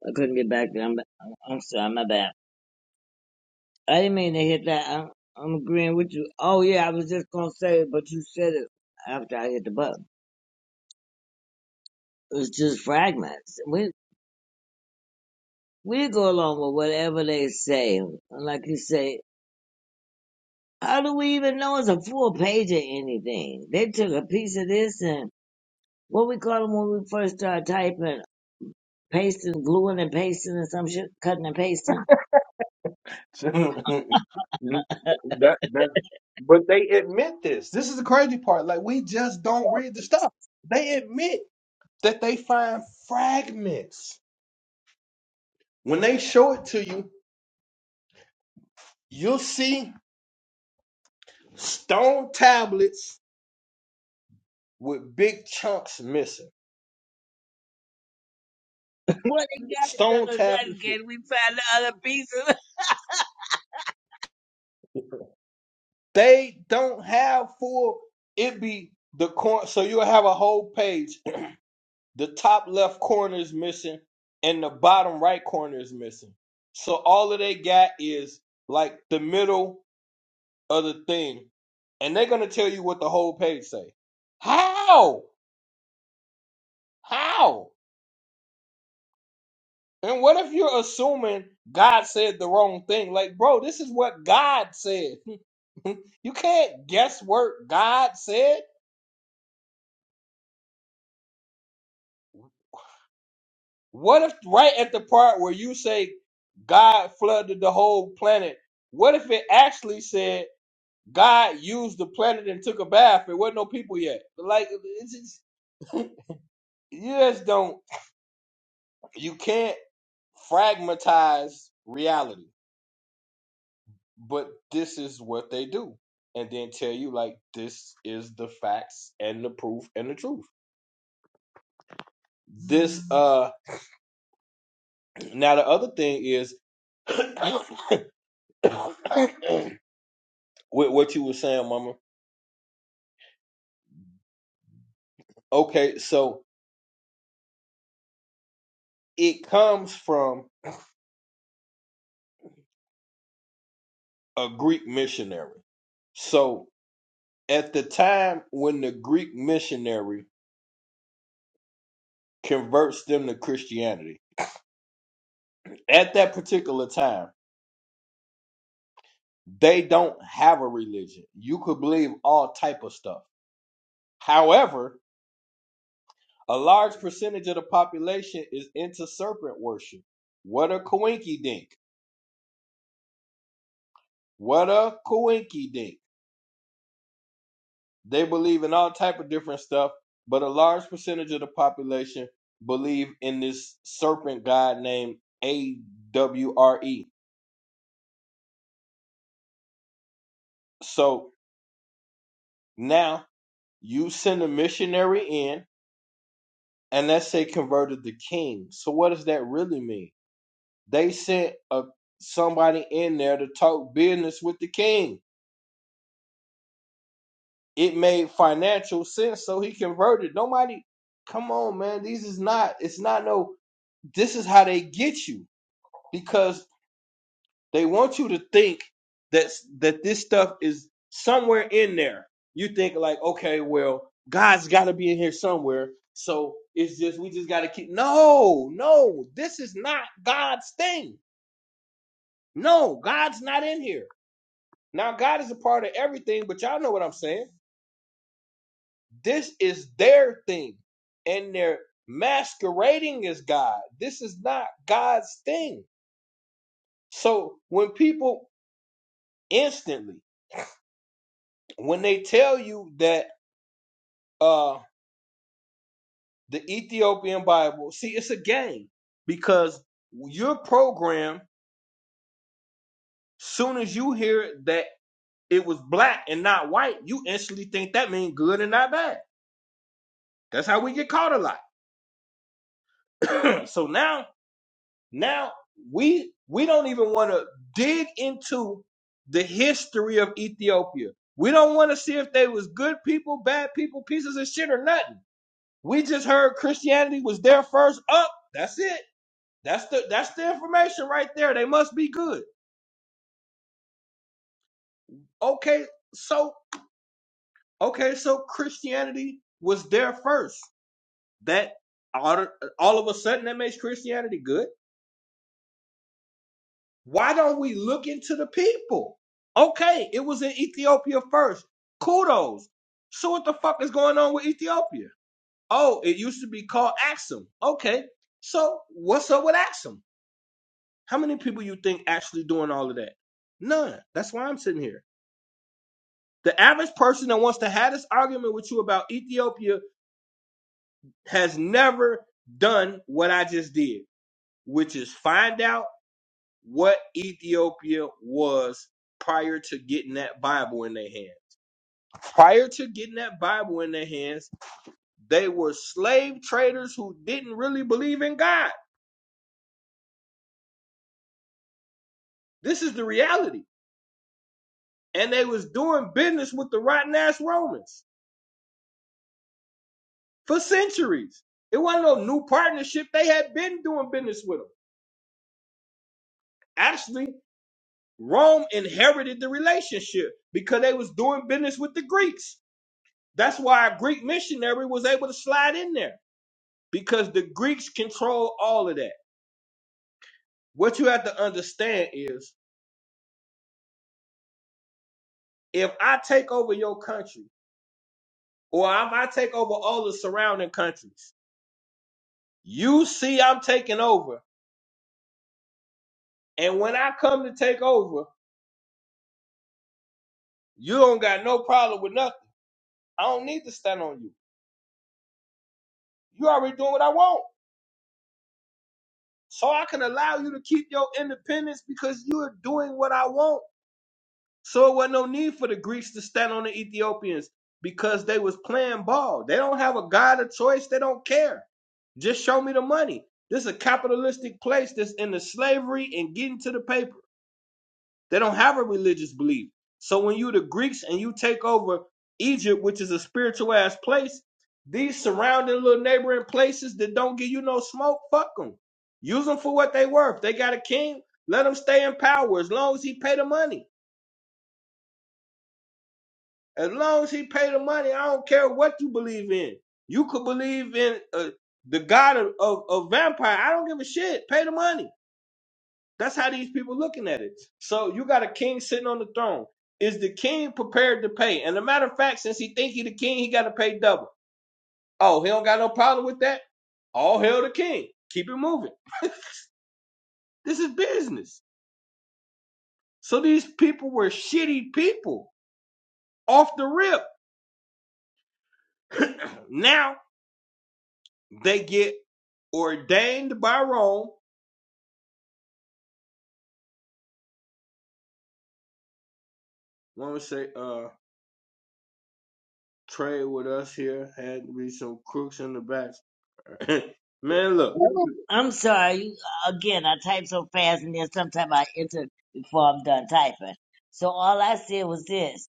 I couldn't get back there. I'm, I'm sorry. My bad. I didn't mean to hit that. I'm, I'm agreeing with you. Oh yeah, I was just gonna say, it, but you said it after I hit the button. It's just fragments. We we go along with whatever they say. Like you say, How do we even know it's a full page of anything? They took a piece of this and what we call them when we first started typing, pasting, gluing and pasting and some shit, cutting and pasting. that that but they admit this. This is the crazy part. Like we just don't read the stuff. They admit that they find fragments. When they show it to you, you'll see stone tablets with big chunks missing. What they got to Stone tell us tablets that with can we find the other pieces? they don't have full it be the corner so you'll have a whole page the top left corner is missing and the bottom right corner is missing so all of they got is like the middle of the thing and they're going to tell you what the whole page say how how And what if you're assuming God said the wrong thing? Like, bro, this is what God said. you can't guesswork God said. What if right at the part where you say God flooded the whole planet, what if it actually said God used the planet and took a bath? There wasn't no people yet. Like, it's just, you just don't, you can't fragmentize reality. but this is what they do and then tell you like this is the facts and the proof and the truth this uh now the other thing is with what you were saying mama okay so it comes from a greek missionary so at the time when the greek missionary converts them to christianity at that particular time they don't have a religion you could believe all type of stuff However, a large percentage of the population is into serpent worship. What a coinky dink. What a coinky dink. They believe in all type of different stuff, but a large percentage of the population believe in this serpent god named AWRE. So now you send a missionary in and let's say converted the king. So what does that really mean? They sent a somebody in there to talk business with the king It made financial sense, so he converted. Nobody, come on, man. These is not. It's not no. This is how they get you because they want you to think that that this stuff is somewhere in there. You think like, okay, well, God's got to be in here somewhere. So it's just we just got to keep. No, no, this is not God's thing. No, God's not in here. Now God is a part of everything, but y'all know what I'm saying This is their thing, and they're masquerading as God. This is not God's thing. So when people instantly, when they tell you that uh the Ethiopian Bible, see, it's a game because you're programmed. Soon as you hear that it was black and not white, you instantly think that means good and not bad. That's how we get caught a lot. so now Now we we don't even want to dig into the history of Ethiopia. We don't want to see if they was good people, bad people, pieces of shit or nothing. We just heard Christianity was there first up. That's it. That's the that's the information right there. They must be good. Okay, so okay, so Christianity was there first. That all, all of a sudden that makes Christianity good. Why don't we look into the people? Okay, it was in Ethiopia first. Kudos. So what the fuck is going on with Ethiopia? Oh, it used to be called Axum. Okay, so what's up with Axum? How many people you think actually doing all of that? None. That's why I'm sitting here. The average person that wants to have this argument with you about Ethiopia has never done what I just did, which is find out what Ethiopia was prior to getting that Bible in their hands. Prior to getting that Bible in their hands, they were slave traders who didn't really believe in God. This is the reality. And they was doing business with the rotten ass Romans for centuries. It wasn't no new partnership. They had been doing business with them. Actually, Rome inherited the relationship because they was doing business with the Greeks. That's why a Greek missionary was able to slide in there because the Greeks control all of that. What you have to understand is if I take over your country or if I take over all the surrounding countries, you see I'm taking over. And when I come to take over, you don't got no problem with nothing. I don't need to stand on you. You already doing what I want. So I can allow you to keep your independence because you are doing what I want. So it wasn't no need for the Greeks to stand on the Ethiopians because they was playing ball. They don't have a God of choice. They don't care. Just show me the money. This is a capitalistic place that's into slavery and getting to the paper. They don't have a religious belief. So when you the Greeks and you take over Egypt, which is a spiritual ass place, these surrounding little neighboring places that don't give you no smoke, fuck them. Use them for what they worth. They got a king, let them stay in power as long as he pay the money. As long as he pay the money, I don't care what you believe in. You could believe in uh, the god of, of, of vampire. I don't give a shit. Pay the money. That's how these people looking at it. So you got a king sitting on the throne. Is the king prepared to pay? And a matter of fact, since he think he the king, he got to pay double. Oh, he don't got no problem with that. All hail the king. Keep it moving. This is business. So these people were shitty people off the rip. now They get ordained by Rome. Woman say, uh, trade with us here had to be some crooks in the back. man, look, I'm sorry. you- Again, I type so fast and then sometimes I enter before I'm done typing. So all I said was this.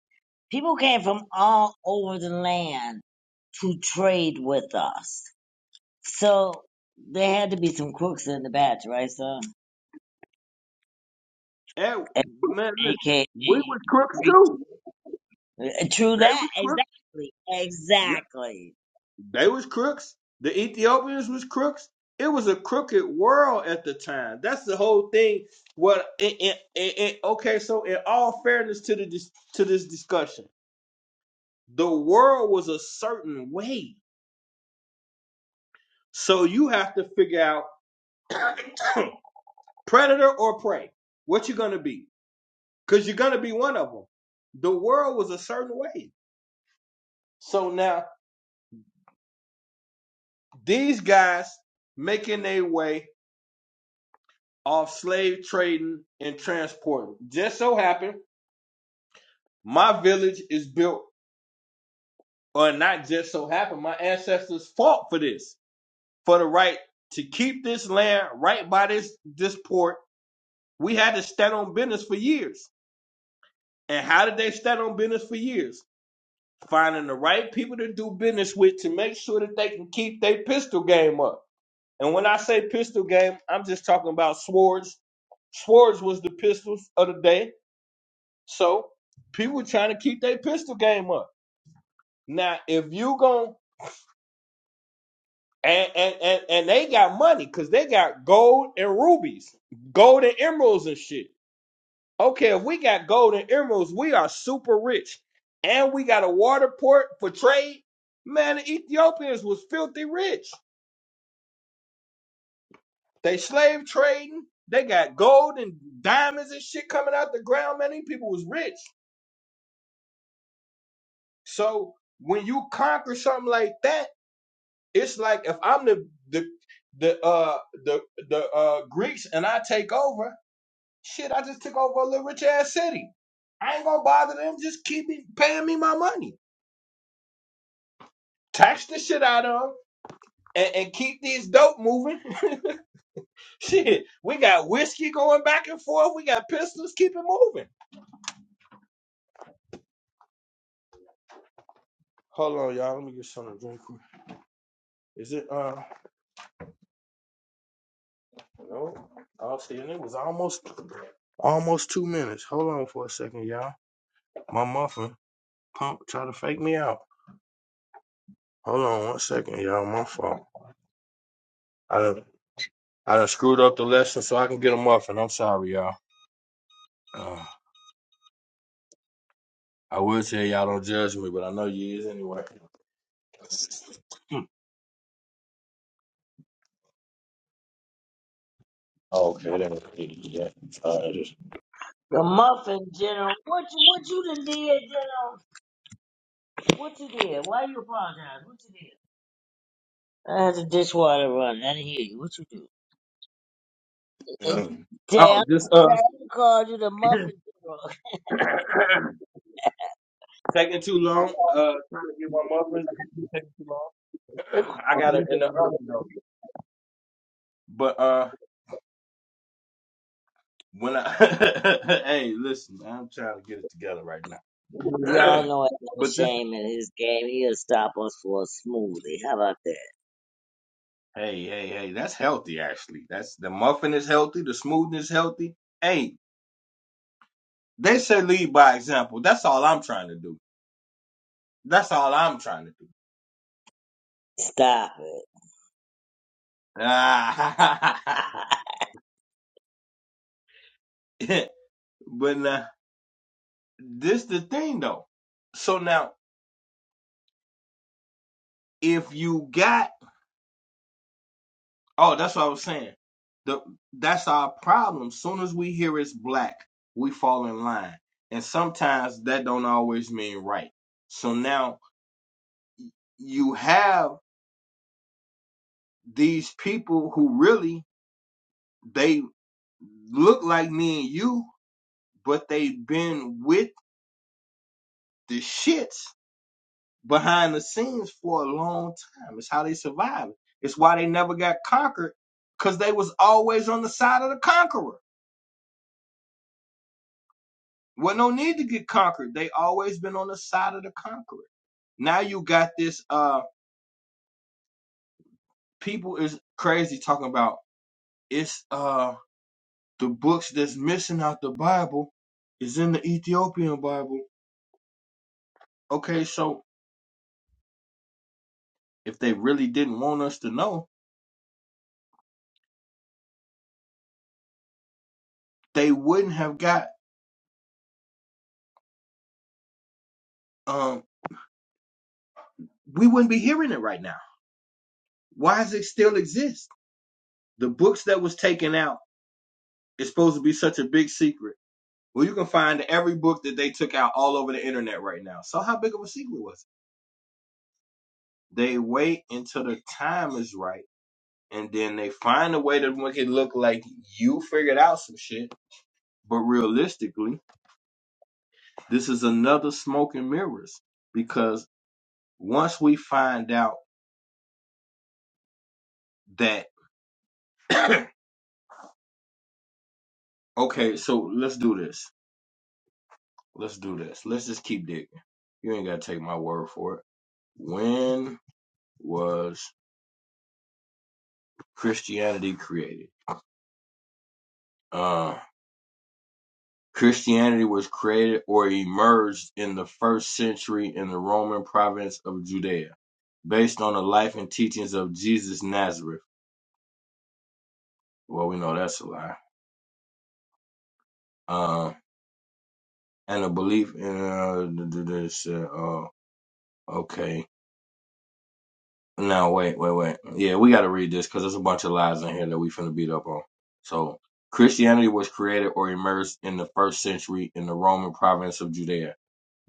People came from all over the land to trade with us. So there had to be some crooks in the batch, right, son? at, man, listen, AKA we was crooks too. Uh, True They that, was crooks. exactly, exactly. Yeah, they was crooks. The Ethiopians was crooks. It was a crooked world at the time. That's the whole thing. What? And, and, and, and- okay, so in all fairness to the dis- to this discussion, the world was a certain way. So you have to figure out. predator or prey what you gonna be because you're gonna be one of them the world was a certain way so now these guys making their way off slave trading and transporting just so happened my village is built or not just so happened my ancestors fought for this for the right to keep this land right by this this port we had to stand on business for years and how did they stand on business for years finding the right people to do business with to make sure that they can keep their pistol game up. And when I say pistol game, I'm just talking about swords. Swords was the pistols of the day. So people trying to keep their pistol game up. Now, if you gon' and and and, and they got money because they got gold and rubies, gold and emeralds and shit. Okay, if we got gold and emeralds, we are super rich. And we got a water port for trade. Man, the Ethiopians was filthy rich. They slave trading. They got gold and diamonds and shit coming out the ground. Man, these people was rich. So when you conquer something like that, it's like if I'm the the the uh the the uh Greeks and I take over, shit, I just took over a little rich ass city. I ain't gonna bother them. Just keep it, paying me my money, tax the shit out of them, and, and keep these dope moving. shit, we got whiskey going back and forth. We got pistols. Keep it moving. Hold on, y'all. Let me get something to drink. quick. Is it? Uh, no. Oh, see, and it was almost almost two minutes. Hold on for a second, y'all. My muffin pump try to fake me out. Hold on one second, y'all. My fault. I done, I done screwed up the lesson so I can get a muffin. I'm sorry, y'all. Uh, I will tell y'all don't judge me, but I know you is anyway. Oh, okay, that ain't yeah. All right, just- The muffin, General. What you what you done did, General? What you did? Why you apologize? What you did? I had the dishwater run. I didn't hear you. What you do? Uh, Oh, Damn, just uh, damn, called you the muffin, General. taking too long. Uh, trying to get my muffins. Taking too long. I got it in the oven though. But uh, when I hey, listen, I'm trying to get it together right now. Y'all know it. no but this, shame in his game. He'll stop us for a smoothie. How about that? hey, hey, hey, that's healthy actually. That's the muffin is healthy, the smoothie is healthy. Hey, they say lead by example. That's all I'm trying to do. That's all I'm trying to do. Stop it. Ah, but now this the thing though. So now, if you got Oh, that's what I was saying. The that's our problem. Soon as we hear it's black, we fall in line, and sometimes that don't always mean right. So now you have these people who really they look like me and you, but they've been with the shits behind the scenes for a long time. It's how they survived. It's why they never got conquered, cause they was always on the side of the conqueror. Well, no need to get conquered. They always been on the side of the conqueror. Now you got this uh people is crazy talking about it's uh the books that's missing out the Bible is in the Ethiopian Bible. Okay, so if they really didn't want us to know, they wouldn't have got um we wouldn't be hearing it right now. Why does it still exist? The books that was taken out is supposed to be such a big secret. Well, you can find every book that they took out all over the internet right now. So how big of a secret was it? They wait until the time is right, and then they find a way to make it look like you figured out some shit. But realistically, this is another smoke and mirrors because once we find out that, okay, so let's do this. Let's do this. Let's just keep digging. You ain't got to take my word for it. When was Christianity created? Um. Christianity was created or emerged in the first century in the Roman province of Judea, based on the life and teachings of Jesus Nazareth. Well, we know that's a lie. Uh, and a belief in uh, th- th- this. Uh, oh, okay. Now wait, wait, wait. Yeah, we got to read this because there's a bunch of lies in here that we finna beat up on. So Christianity was created or emerged in the first century in the Roman province of Judea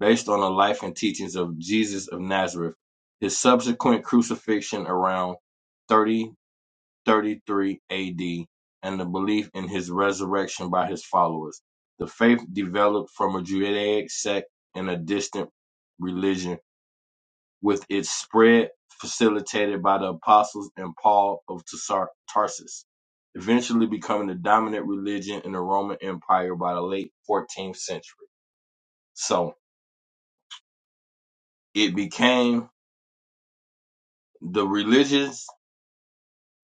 based on the life and teachings of Jesus of Nazareth. His subsequent crucifixion around 30 33 AD, and the belief in his resurrection by his followers. The faith developed from a Judaic sect and a distant religion, with its spread facilitated by the apostles and Paul of Tarsar- Tarsus, eventually becoming the dominant religion in the Roman Empire by the late 14th century. So it became The religious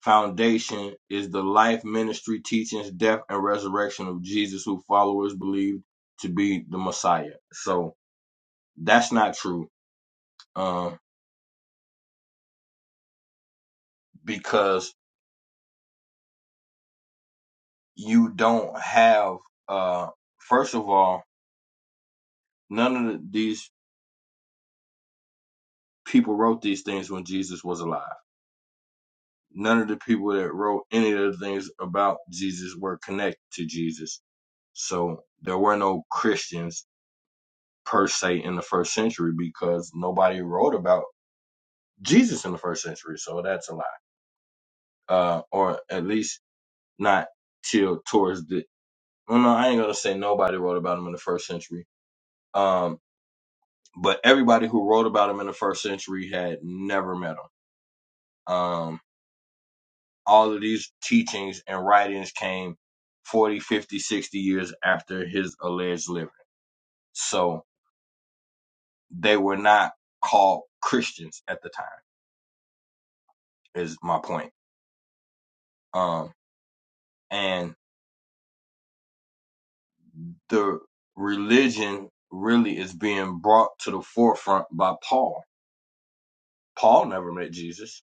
foundation is the life, ministry, teachings, death, and resurrection of Jesus, who followers believe to be the Messiah. So that's not true, um, because you don't have. Uh, first of all, none of the, these people wrote these things when Jesus was alive. None of the people that wrote any of the things about Jesus were connected to Jesus. So there were no Christians per se in the first century because nobody wrote about Jesus in the first century, so that's a lie. Uh, or at least not till towards the. Well, no, I ain't gonna say nobody wrote about him in the first century. Um, but everybody who wrote about him in the first century had never met him. Um, all of these teachings and writings came 40, 50, 60 years after his alleged living. So they were not called Christians at the time, is my point. Um, and the religion really is being brought to the forefront by Paul. Paul never met Jesus,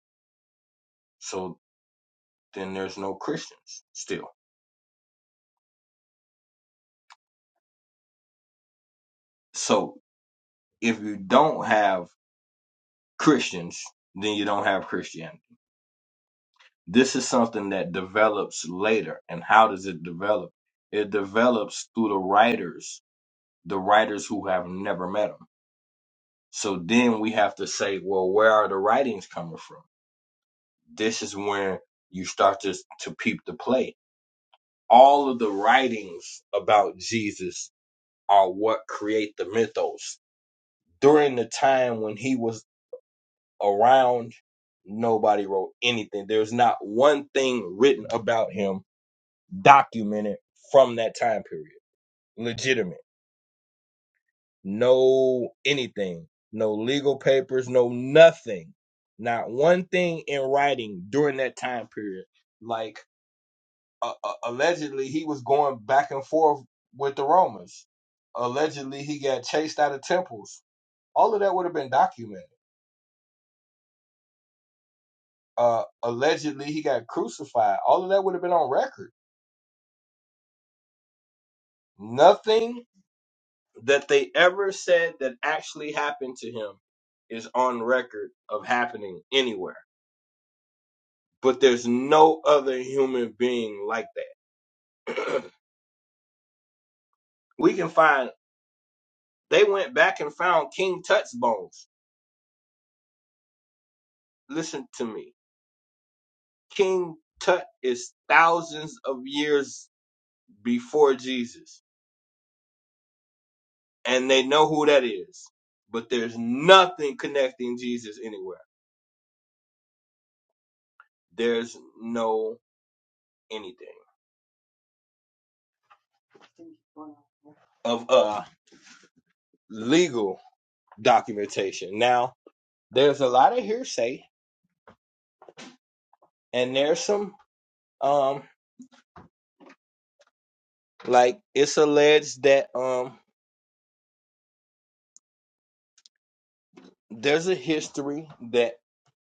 so then there's no Christians still. So if you don't have Christians, then you don't have Christianity. This is something that develops later. And how does it develop? It develops through the writers, the writers who have never met him. So then we have to say, well, where are the writings coming from? This is when you start to, to peep the play all of the writings about Jesus are what create the mythos. During the time when he was around, nobody wrote anything. There's not one thing written about him documented from that time period. Legitimate. No anything. No legal papers, no nothing. Not one thing in writing during that time period. Like uh, uh, allegedly he was going back and forth with the Romans. Allegedly he got chased out of temples. All of that would have been documented. Uh, allegedly he got crucified. All of that would have been on record. Nothing that they ever said that actually happened to him is on record of happening anywhere. But there's no other human being like that. we can find. They went back and found King Tut's bones. Listen to me King Tut is thousands of years before Jesus, and they know who that is. But there's nothing connecting Jesus anywhere. There's no anything of uh legal documentation. Now, there's a lot of hearsay, and there's some um like it's alleged that um there's a history that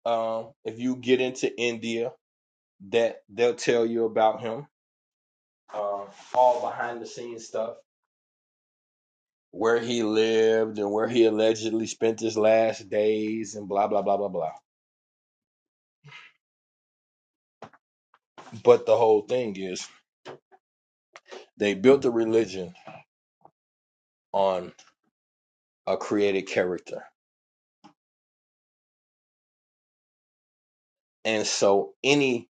um if you get into India that they'll tell you about him uh, all behind the scenes stuff, where he lived and where he allegedly spent his last days, and blah blah blah blah blah. But the whole thing is they built a religion on a created character, and so anything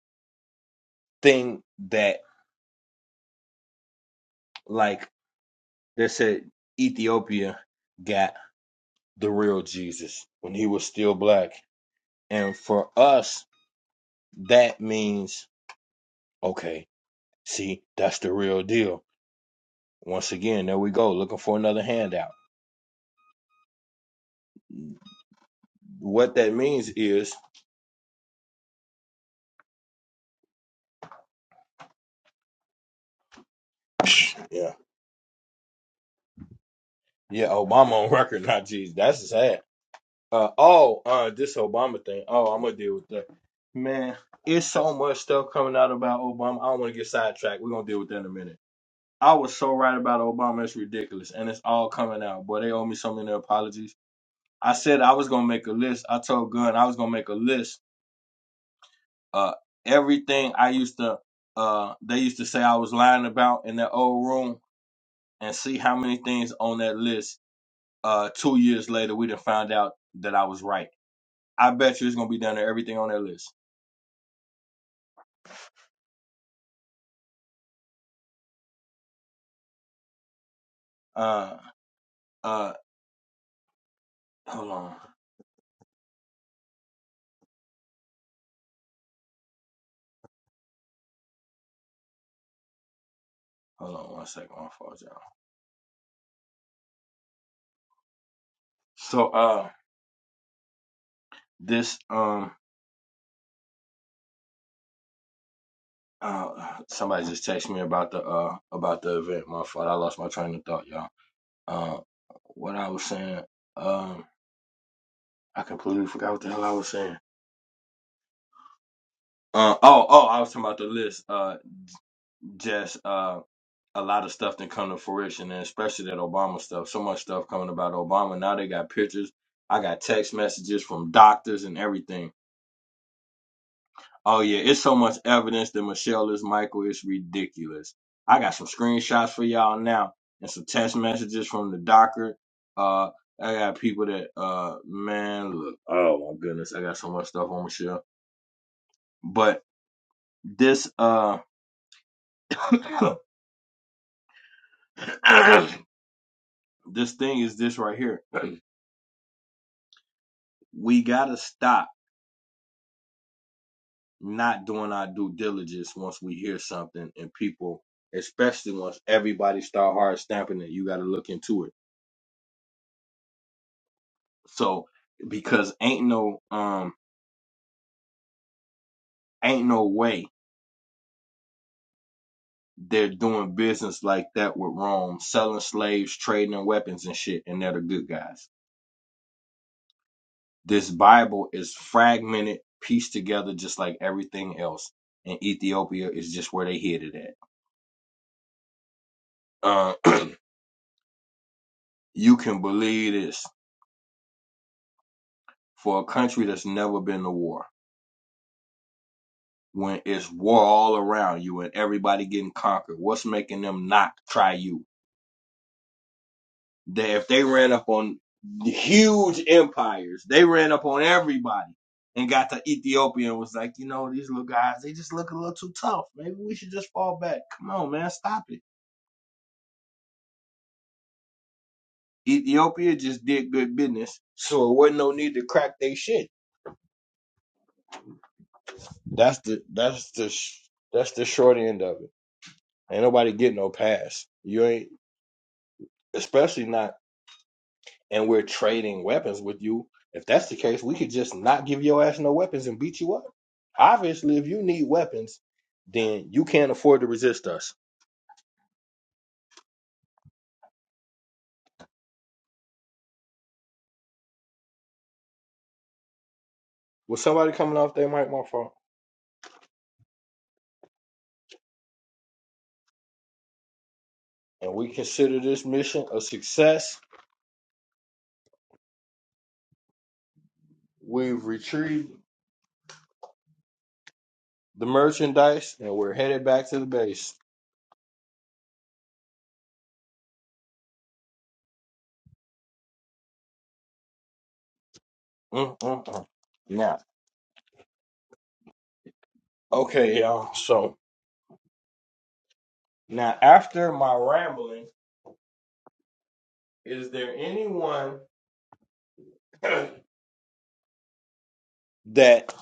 that like they said Ethiopia got the real Jesus when he was still black, and for us that means okay, see that's the real deal. Once again, there we go looking for another handout What that means is, yeah, yeah, Obama on record, not Jesus. That's sad. Uh, oh, uh, this Obama thing. Oh, I'm gonna deal with that. Man, it's so much stuff coming out about Obama. I don't want to get sidetracked. We're gonna deal with that in a minute. I was so right about Obama. It's ridiculous, and it's all coming out. Boy, they owe me so many apologies. I said I was gonna make a list. I told Gunn I was gonna make a list. Uh, everything I used to, uh, they used to say I was lying about in that old room, and see how many things on that list Uh, two years later, we done found out that I was right. I bet you it's gonna be down to everything on that list. Uh, uh, hold on, hold on one second. My fault, y'all. So, uh, this um, uh, somebody just texted me about the uh about the event. My fault. I lost my train of thought, y'all. Uh, what I was saying. Um, I completely forgot what the hell I was saying. Uh, oh, oh, I was talking about the list. Uh, Jess. Uh. a lot of stuff didn't come to fruition, and especially that Obama stuff. So much stuff coming about Obama. Now they got pictures. I got text messages from doctors and everything. Oh yeah, it's so much evidence that Michelle is Michael. It's ridiculous. I got some screenshots for y'all now and some text messages from the doctor. Uh, I got people that uh, man, look. Oh my goodness, I got so much stuff on Michelle. But this uh, this thing is this right here. We gotta stop not doing our due diligence once we hear something and people especially once everybody start hard stamping it you got to look into it so because ain't no um ain't no way they're doing business like that with rome selling slaves trading in weapons and shit and they're the good guys this bible is fragmented pieced together just like everything else and ethiopia is just where they hid it at uh, you can believe this for a country that's never been to war when it's war all around you and everybody getting conquered? What's making them not try you? They, if they ran up on huge empires, they ran up on everybody and got to Ethiopia and was like, you know, these little guys, they just look a little too tough. Maybe we should just fall back. Come on, man, stop it. Ethiopia just did good business, so it wasn't no need to crack their shit. That's the that's the that's the short end of it. Ain't nobody getting no pass. You ain't, especially not. and we're trading weapons with you. If that's the case, we could just not give your ass no weapons and beat you up. Obviously, if you need weapons, then you can't afford to resist us. With somebody coming off their mic, my fault, and we consider this mission a success, we've retrieved the merchandise and we're headed back to the base. Mm-mm-mm. Now, okay, y'all. So now, after my rambling, is there anyone that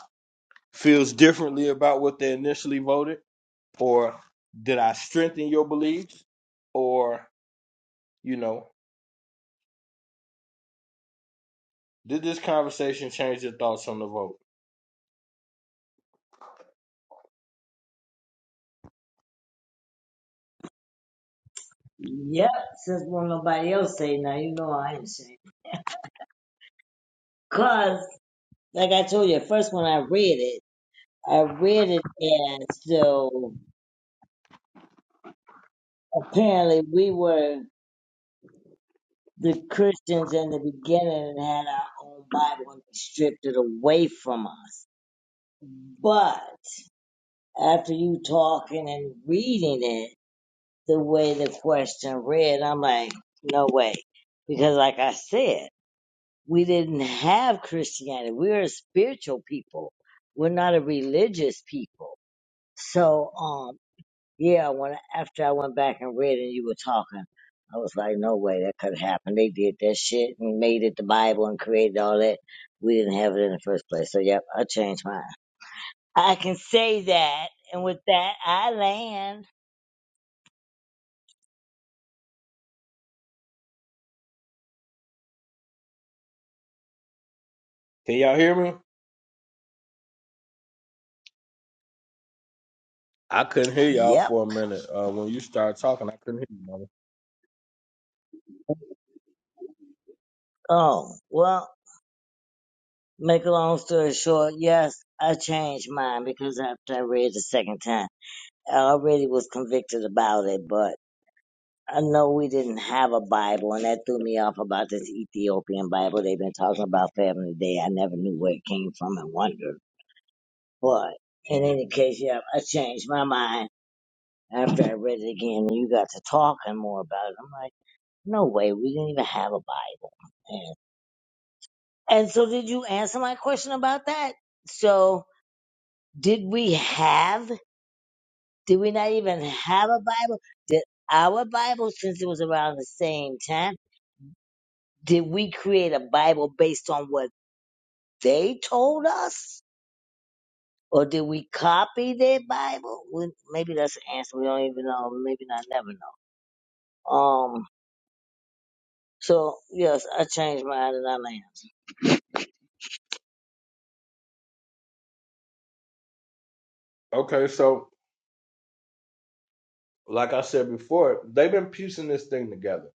feels differently about what they initially voted? or did I strengthen your beliefs? Or, you know, did this conversation change your thoughts on the vote? yep, since won't nobody else say now, you know I ain't saying. Cause, like I told you, first when I read it, I read it as so apparently we were the Christians in the beginning and had our own Bible and they stripped it away from us. But after you talking and reading it, the way the question read, I'm like, no way. Because like I said, we didn't have Christianity. We're a spiritual people. We're not a religious people. So, um, yeah, when after I went back and read and you were talking, I was like, no way that could happen. They did that shit and made it the Bible and created all that. We didn't have it in the first place. So, yep, I changed mine. I can say that. And with that, I land. Can y'all hear me? I couldn't hear y'all Yep. for a minute. Uh, when you started talking, I couldn't hear you. Mama. Oh, well, make a long story short, yes, I changed mine because after I read the second time, I already was convicted about it, but I know we didn't have a Bible, and that threw me off about this Ethiopian Bible they've been talking about for every day. I never knew where it came from and wondered. But in any case, yeah, I changed my mind after I read it again, and you got to talking more about it. I'm like, no way, we didn't even have a Bible. And, and so, did you answer my question about that? So, did we have? Did we not even have a Bible? Did our Bible, since it was around the same time? Did we create a Bible based on what they told us? Or did we copy their Bible? We, maybe that's the answer. We don't even know. Maybe not. Never know. Um. So yes, I changed mine and I landed. Okay, so like I said before, they've been piecing this thing together.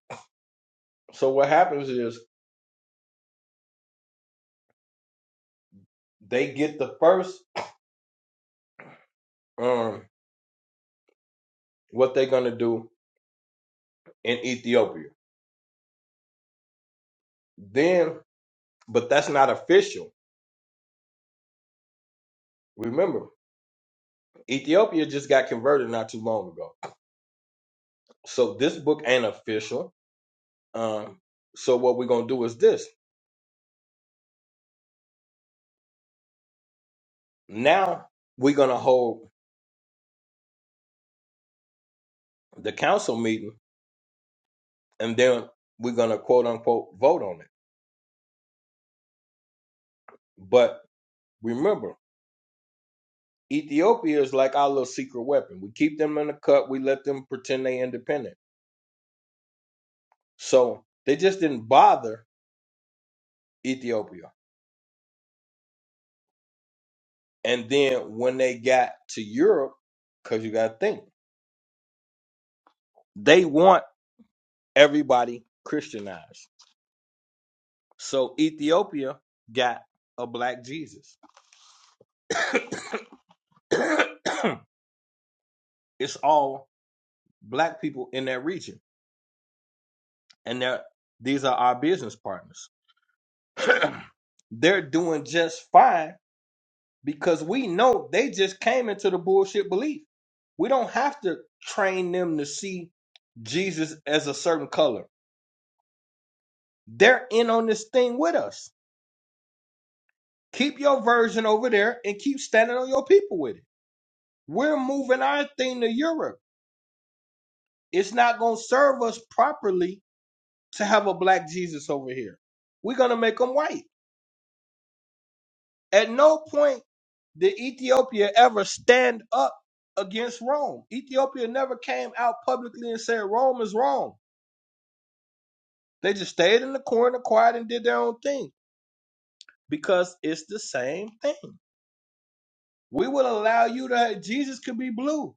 So what happens is they get the first um what they're gonna do in Ethiopia. Then, but that's not official. Remember, Ethiopia just got converted not too long ago. So this book ain't official Um, so what we're gonna do is this. Now we're gonna hold the council meeting, and then we're gonna quote unquote vote on it. But remember, Ethiopia is like our little secret weapon. We keep them in the cut. We let them pretend they independent. So they just didn't bother Ethiopia. And then when they got to Europe, because you gotta think, they want everybody Christianized. So Ethiopia got a black Jesus. It's all black people in that region, and they're, these are our business partners. they're doing just fine because we know they just came into the bullshit belief. We don't have to train them to see Jesus as a certain color. They're in on this thing with us. Keep your version over there and keep standing on your people with it. We're moving our thing to Europe. It's not going to serve us properly to have a black Jesus over here. We're going to make them white. At no point did Ethiopia ever stand up against Rome. Ethiopia never came out publicly and said Rome is wrong. They just stayed in the corner, quiet, and did their own thing because it's the same thing. We will allow you to. Jesus could be blue.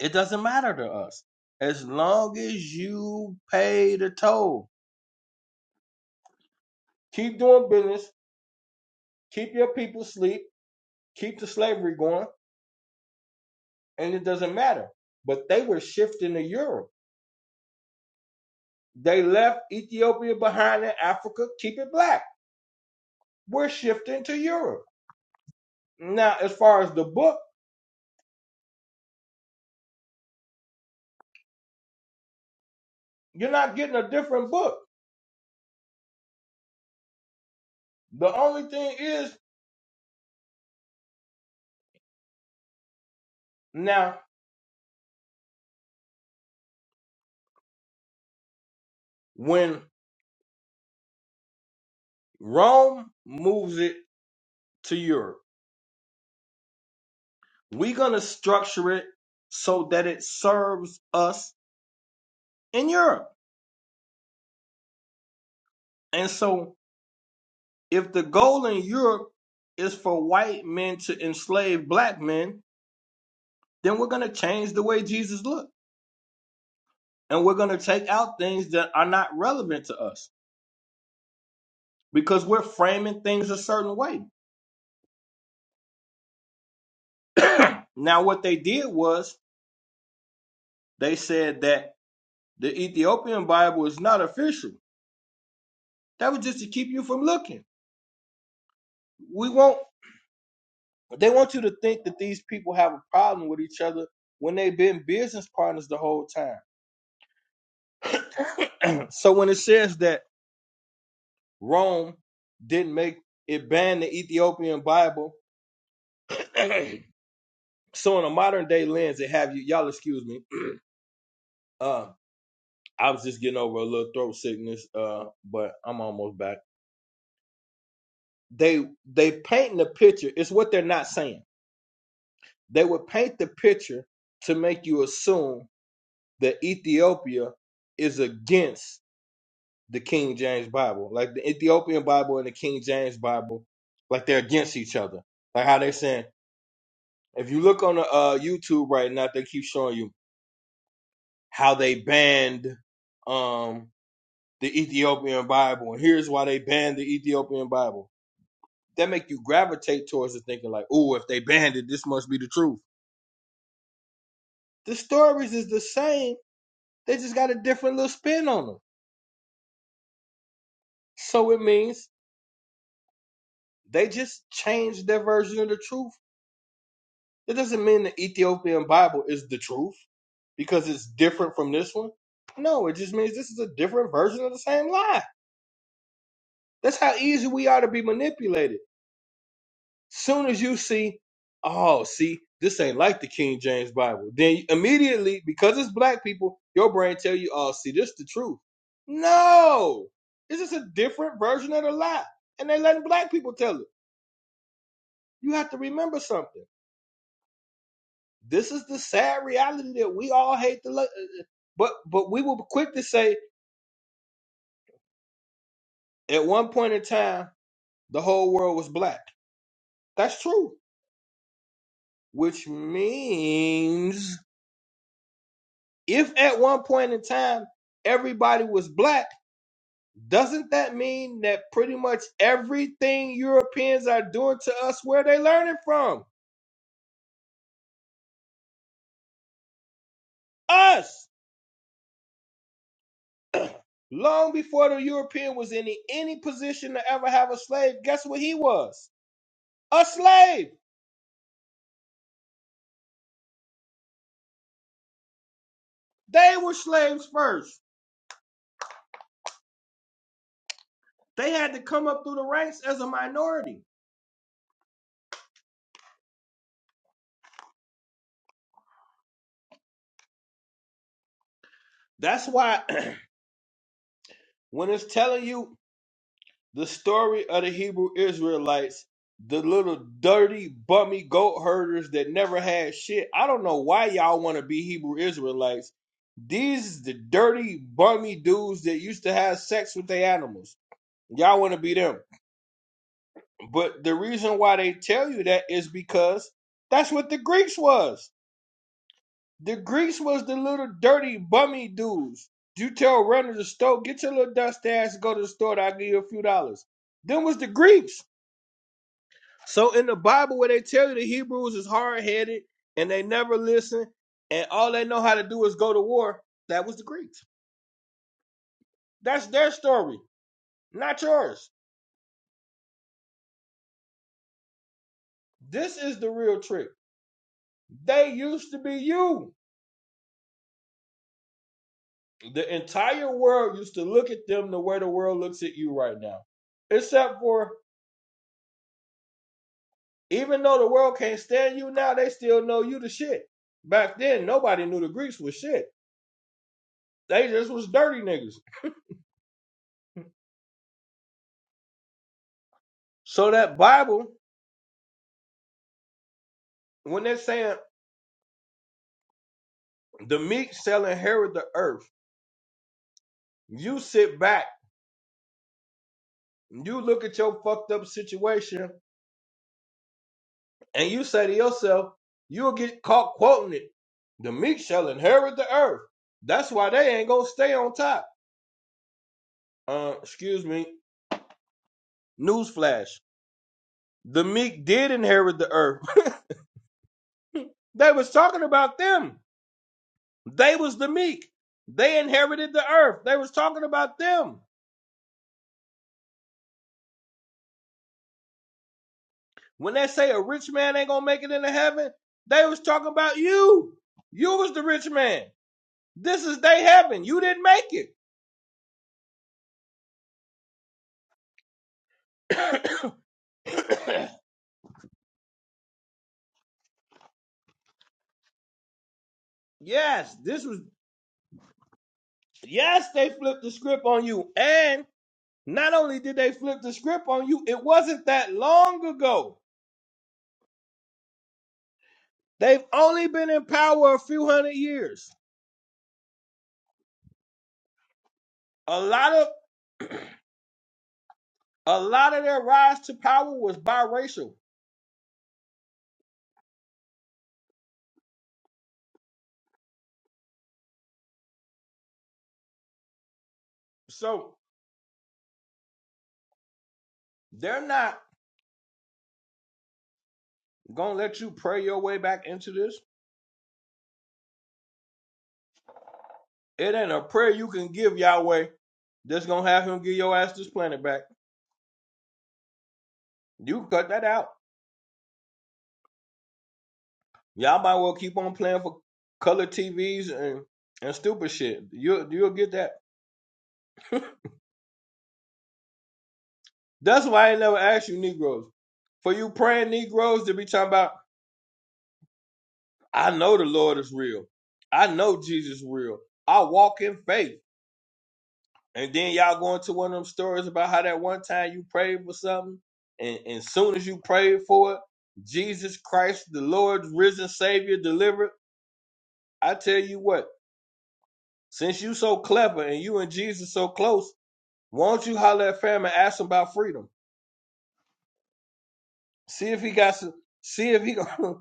It doesn't matter to us as long as you pay the toll. Keep doing business. Keep your people asleep. Keep the slavery going, and it doesn't matter. But they were shifting to Europe They left Ethiopia behind in Africa. Keep it black. We're shifting to Europe. Now, as far as the book, you're not getting a different book. The only thing is now when Rome moves it to Europe, we're going to structure it so that it serves us in Europe. And so if the goal in Europe is for white men to enslave black men, then we're going to change the way Jesus looks. and we're going to take out things that are not relevant to us because we're framing things a certain way. now, what they did was they said that the Ethiopian Bible is not official. That was just to keep you from looking. We won't. they want you to think that these people have a problem with each other when they've been business partners the whole time. so when it says that Rome didn't make it ban the Ethiopian Bible, so in a modern day lens, they have you y'all excuse me. Uh, I was just getting over a little throat sickness, uh, but I'm almost back. They they painting the picture. It's what they're not saying. They would paint the picture to make you assume that Ethiopia is against the King James Bible, like the Ethiopian Bible and the King James Bible, like they're against each other. Like how they're saying, if you look on the uh, YouTube right now, they keep showing you how they banned um, the Ethiopian Bible, and here's why they banned the Ethiopian Bible that make you gravitate towards the thinking like, oh, if they banned it, this must be the truth. The stories is the same. They just got a different little spin on them. So it means they just changed their version of the truth. It doesn't mean the Ethiopian Bible is the truth because it's different from this one. No, it just means this is a different version of the same lie. That's how easy we are to be manipulated. Soon as you see, oh, see, this ain't like the King James Bible, then immediately, because it's black people, your brain tell you, oh, see, this is the truth. No, this is a different version of the lie, and they letting black people tell it. You have to remember something. This is the sad reality that we all hate to look, but but we were quick to say at one point in time the whole world was black. That's true, which means if at one point in time everybody was black, doesn't that mean that pretty much everything Europeans are doing to us, where they learning from? Us! Long before the European was in any position to ever have a slave, guess what he was? A slave! They were slaves first. They had to come up through the ranks as a minority. That's why when it's telling you The story of the Hebrew Israelites, the little dirty, bummy goat herders that never had shit. I don't know why y'all want to be Hebrew Israelites. These is the dirty, bummy dudes that used to have sex with their animals. Y'all want to be them. But the reason why they tell you that is because that's what the Greeks was. The Greeks was the little dirty, bummy dudes. You tell runner to the store, get your little dust ass, go to the store, and I'll give you a few dollars. Them was the Greeks. So in the Bible, where they tell you the Hebrews is hard headed and they never listen, and all they know how to do is go to war, that was the Greeks. That's their story, not yours. This is the real trick. They used to be you. The entire world used to look at them the way the world looks at you right now. Except for even though the world can't stand you now, they still know you the shit. Back then, nobody knew the Greeks was shit. They just was dirty niggas. So that Bible, when they're saying The meek shall inherit the earth. You sit back, you look at your fucked up situation, and you say to yourself, you'll get caught quoting it. The meek shall inherit the earth. That's why they ain't gonna stay on top. Uh, excuse me. Newsflash: the meek did inherit the earth. they was talking about them. They was the meek. They inherited the earth. They was talking about them. When they say a rich man ain't gonna make it into heaven, they was talking about you. You was the rich man. This is they heaven. You didn't make it. yes, this was yes, they flipped the script on you. And not only did they flip the script on you, it wasn't that long ago. They've only been in power a few hundred years. A lot of a lot of their rise to power was biracial. So they're not gonna let you pray your way back into this It ain't a prayer you can give Yahweh that's gonna have him give your ass this planet back. You cut that out. Y'all might well keep on playing for color TVs and and stupid shit. You you'll get that. That's why I ain't never asked you Negroes. For you praying Negroes to be talking about, I know the Lord is real. I know Jesus is real. I walk in faith. And then y'all go into one of them stories about how that one time you prayed for something, and as soon as you prayed for it, Jesus Christ, the Lord, risen Savior, delivered. I tell you what, since you so clever and you and Jesus so close, won't you holler at fam and ask him about freedom? See if he got some. See if he gonna.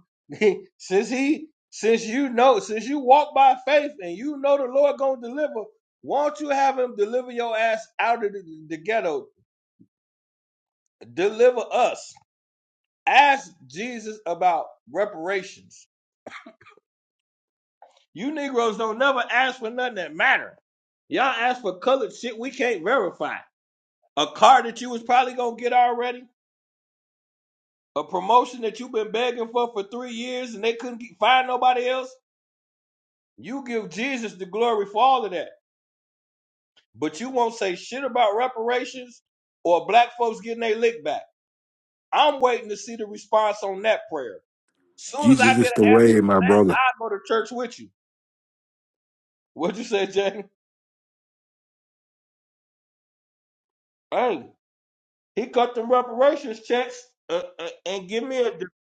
since he, since you know, since you walk by faith and you know the Lord gonna deliver, won't you have him deliver your ass out of the, the ghetto? Deliver us Ask Jesus about reparations. You Negroes don't never ask for nothing that matter. Y'all ask for colored shit we can't verify. A car that you was probably gonna get already. A promotion that you've been begging for for three years and they couldn't get, find nobody else. You give Jesus the glory for all of that, but you won't say shit about reparations or black folks getting their lick back. I'm waiting to see the response on that prayer. Soon as I get Jesus is the an way, answer for my that, brother. I go to church with you. What'd you say, Jay? Hey, he cut them reparations checks uh, uh, and give me a de-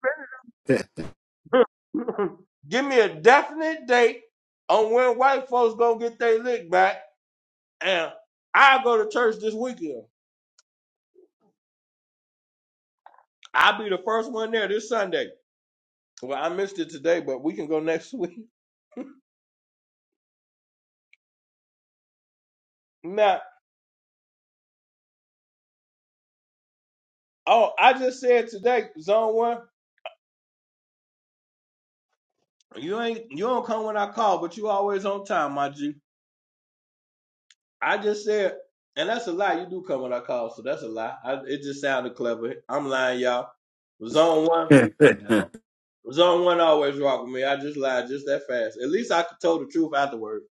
give me a definite date on when white folks gonna get their lick back. And I go to church this weekend. I'll be the first one there this Sunday. Well, I missed it today, but we can go next week. Now, oh, I just said today, Zone One, you ain't you don't come when I call, but you always on time, my G. I just said, and that's a lie. You do come when I call, so that's a lie. I, it just sounded clever. I'm lying, y'all. Zone one, zone one always rock with me. I just lied just that fast. At least I could tell the truth afterward.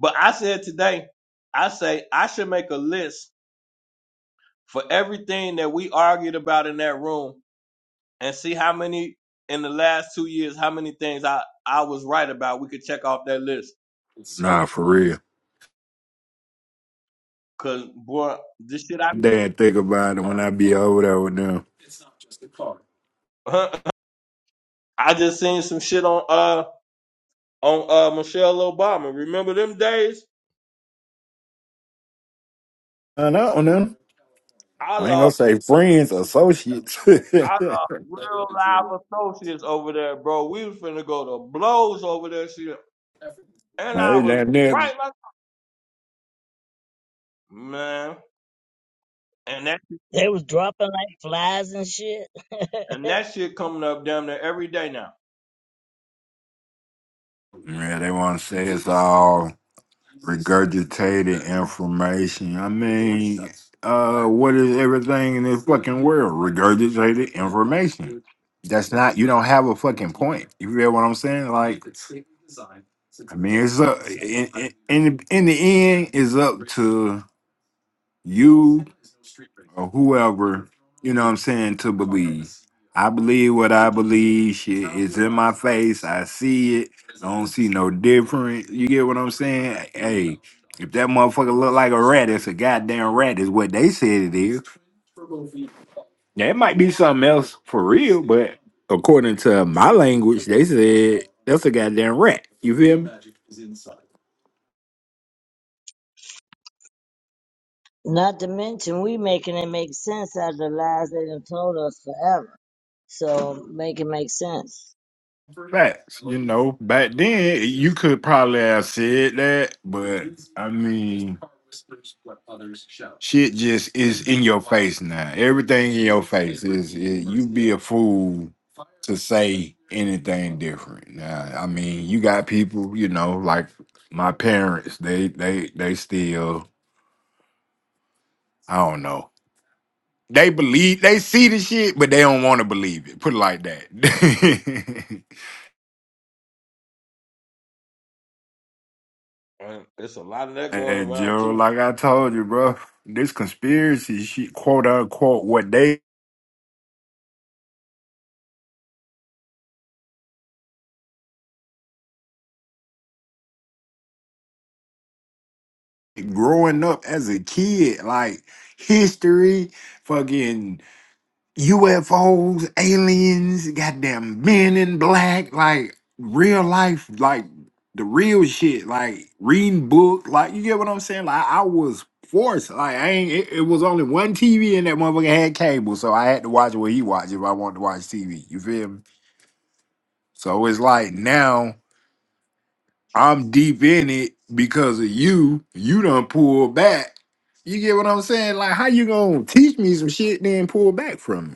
But I said today, I say I should make a list for everything that we argued about in that room and see how many in the last two years, how many things I I was right about. We could check off that list. nah, for real. Cause boy, this shit I be. Dad, think about it when I be over there with them. I just seen some shit on uh on uh Michelle Obama. Remember them days? I know them. I I ain't lost. gonna say friends, associates. I got but real live associates over there, bro. We was finna go to blows over there, shit. And I they was down there. right like man. And that They was dropping like flies and shit. and that shit coming up damn near every day now. Yeah, they want to say it's all. regurgitated information. I mean, uh, what is everything in this fucking world? Regurgitated information. That's not you don't have a fucking point. You feel what I'm saying? Like, I mean, it's up in in in the, in the end, it's up to you or whoever, you know what I'm saying, to believe. I believe what I believe. Shit is in my face. I see it. I don't see no different. You get what I'm saying? Hey, if that motherfucker look like a rat, it's a goddamn rat, is what they said it is. Yeah, it might be something else for real, but according to my language, they said that's a goddamn rat. You feel me? Not to mention, we making it make sense out of the lies they done told us forever. So make it make sense. Facts. You know, back then you could probably have said that, but I mean, shit just is in your face now. Everything in your face is, is you be a fool to say anything different. Now, I mean, you got people, you know, like my parents. They they they still I don't know. They believe they see the shit, but they don't want to believe it. Put it like that. And it's a lot of that going Hey, around Gerald, too. like I told you, bro, this conspiracy shit, quote unquote, what they growing up as a kid, like history, fucking UFOs, aliens, goddamn men in black, like real life, like the real shit, like reading book, like you get what I'm saying? Like I was forced, like I ain't, it, it was only one TV and that motherfucker had cable, so I had to watch what he watched if I wanted to watch TV. You feel me? So it's like now. I'm deep in it because of you. You done pulled back. You get what I'm saying? Like, how you gonna teach me some shit then pull back from me?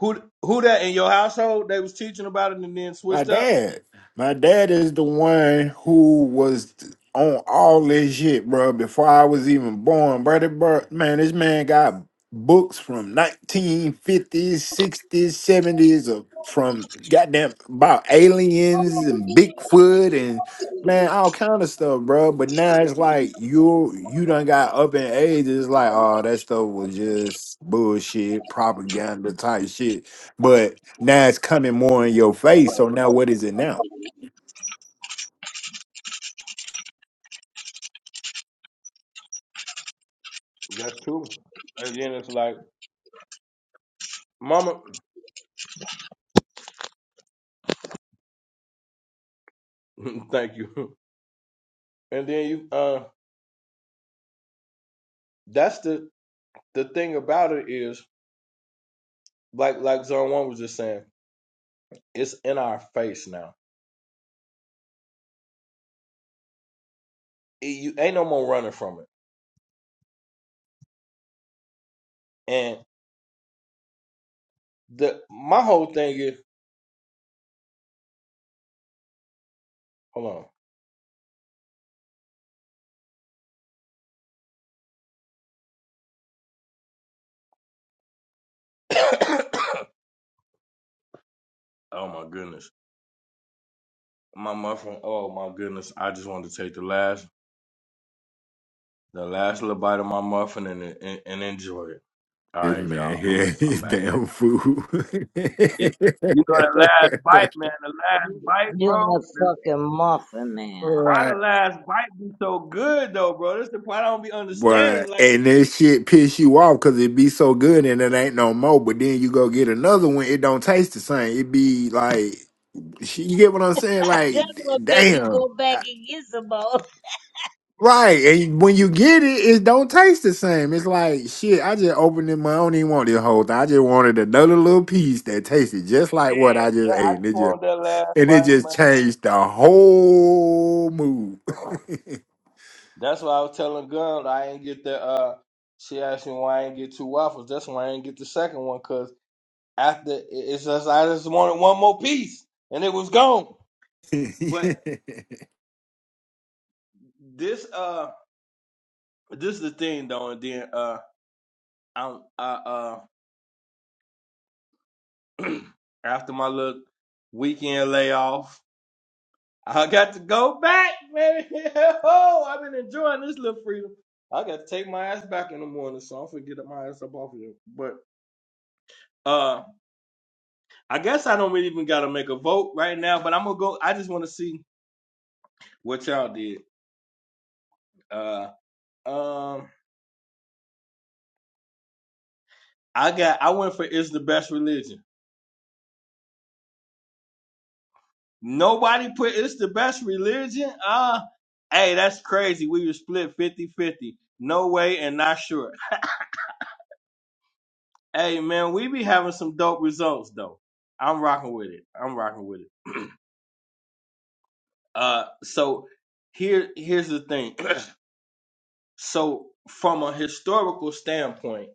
Who who that in your household? They was teaching about it and then My switched up. dad. My dad is the one who was on all this shit, bro, before I was even born. Brother, bro, man, this man got books from 1950s, 60s, 70s, of, from goddamn about aliens and Bigfoot and man, all kind of stuff, bro. But now it's like you you done got up in age. It's like, oh, that stuff was just bullshit, propaganda type shit but now it's coming more in your face. So now what is it now? That's true. And then it's like, Mama, thank you. And then you uh that's the the thing about it is like like Zone One was just saying, it's in our face now it- you ain't no more running from it. And the my whole thing is, hold on. oh my goodness, my muffin. Oh my goodness, I just wanted to take the last the last little bite of my muffin and and, and enjoy it. All This right, man y'all, I'm here, I'm he's back now. damn fool. It, you know the last bite, man. The last bite, You and bro. that The- fucking muffin man. why Right. the last bite be so good though, bro? This the part I don't be understanding. But Like, and this shit piss you off because it be so good and it ain't no more. But then you go get another one, it don't taste the same. It be like, shit, you get what I'm saying? Like, That's d- what make you damn. go back and get some more. Right. And when you get it, it don't taste the same. It's like shit, I just opened it, my I don't even want this whole thing. I just wanted another little piece that tasted just like yeah, what I yeah, just ate. I And just it just want that last and it just bite, changed the whole mood. man. That's why I was telling Gun I ain't get the. Uh, she asked me why I ain't get two waffles. That's why I ain't get the second one because after it- it's just I just wanted one more piece and it was gone. But yeah, this uh this is the thing though, and then uh I'm I uh after my little weekend layoff, I got to go back, baby. oh, I've been enjoying this little freedom. I got to take my ass back in the morning, so I'm gonna get my ass up off of here. But. uh. I guess I don't really even gotta make a vote right now, but I'm gonna go. I just want to see what y'all did. Uh, um, I got. I went for "It's the Best Religion." Nobody put "It's the Best Religion." Uh, hey, that's crazy. We were split fifty-fifty. No way and not sure. Hey, man, we be having some dope results though. I'm rocking with it. I'm rocking with it. Uh, so here, here's the thing. so from a historical standpoint,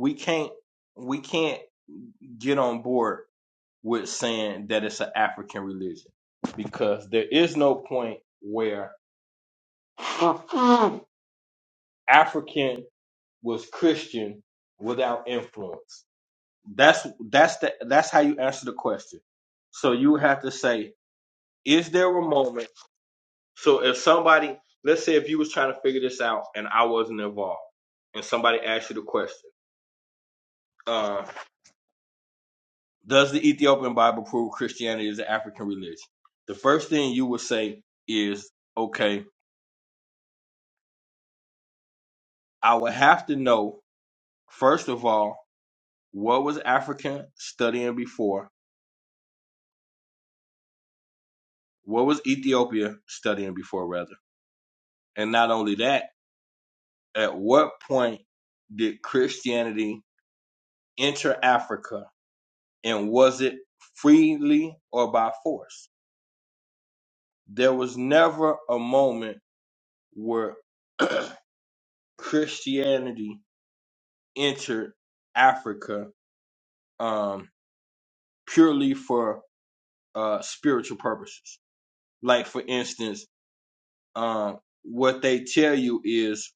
we can't. We can't get on board with saying that it's an African religion because there is no point where African was Christian without influence. That's that's the that's how you answer the question. So you have to say, is there a moment? So if somebody, let's say, if you was trying to figure this out and I wasn't involved, and somebody asked you the question, uh, Does the Ethiopian Bible prove Christianity is an African religion? The first thing you would say is, okay, I would have to know, first of all, what was Africa studying before? What was Ethiopia studying before, rather? And not only that, at what point did Christianity enter Africa and was it freely or by force? There was never a moment where Christianity entered Africa um, purely for uh, spiritual purposes. Like, for instance, um, what they tell you is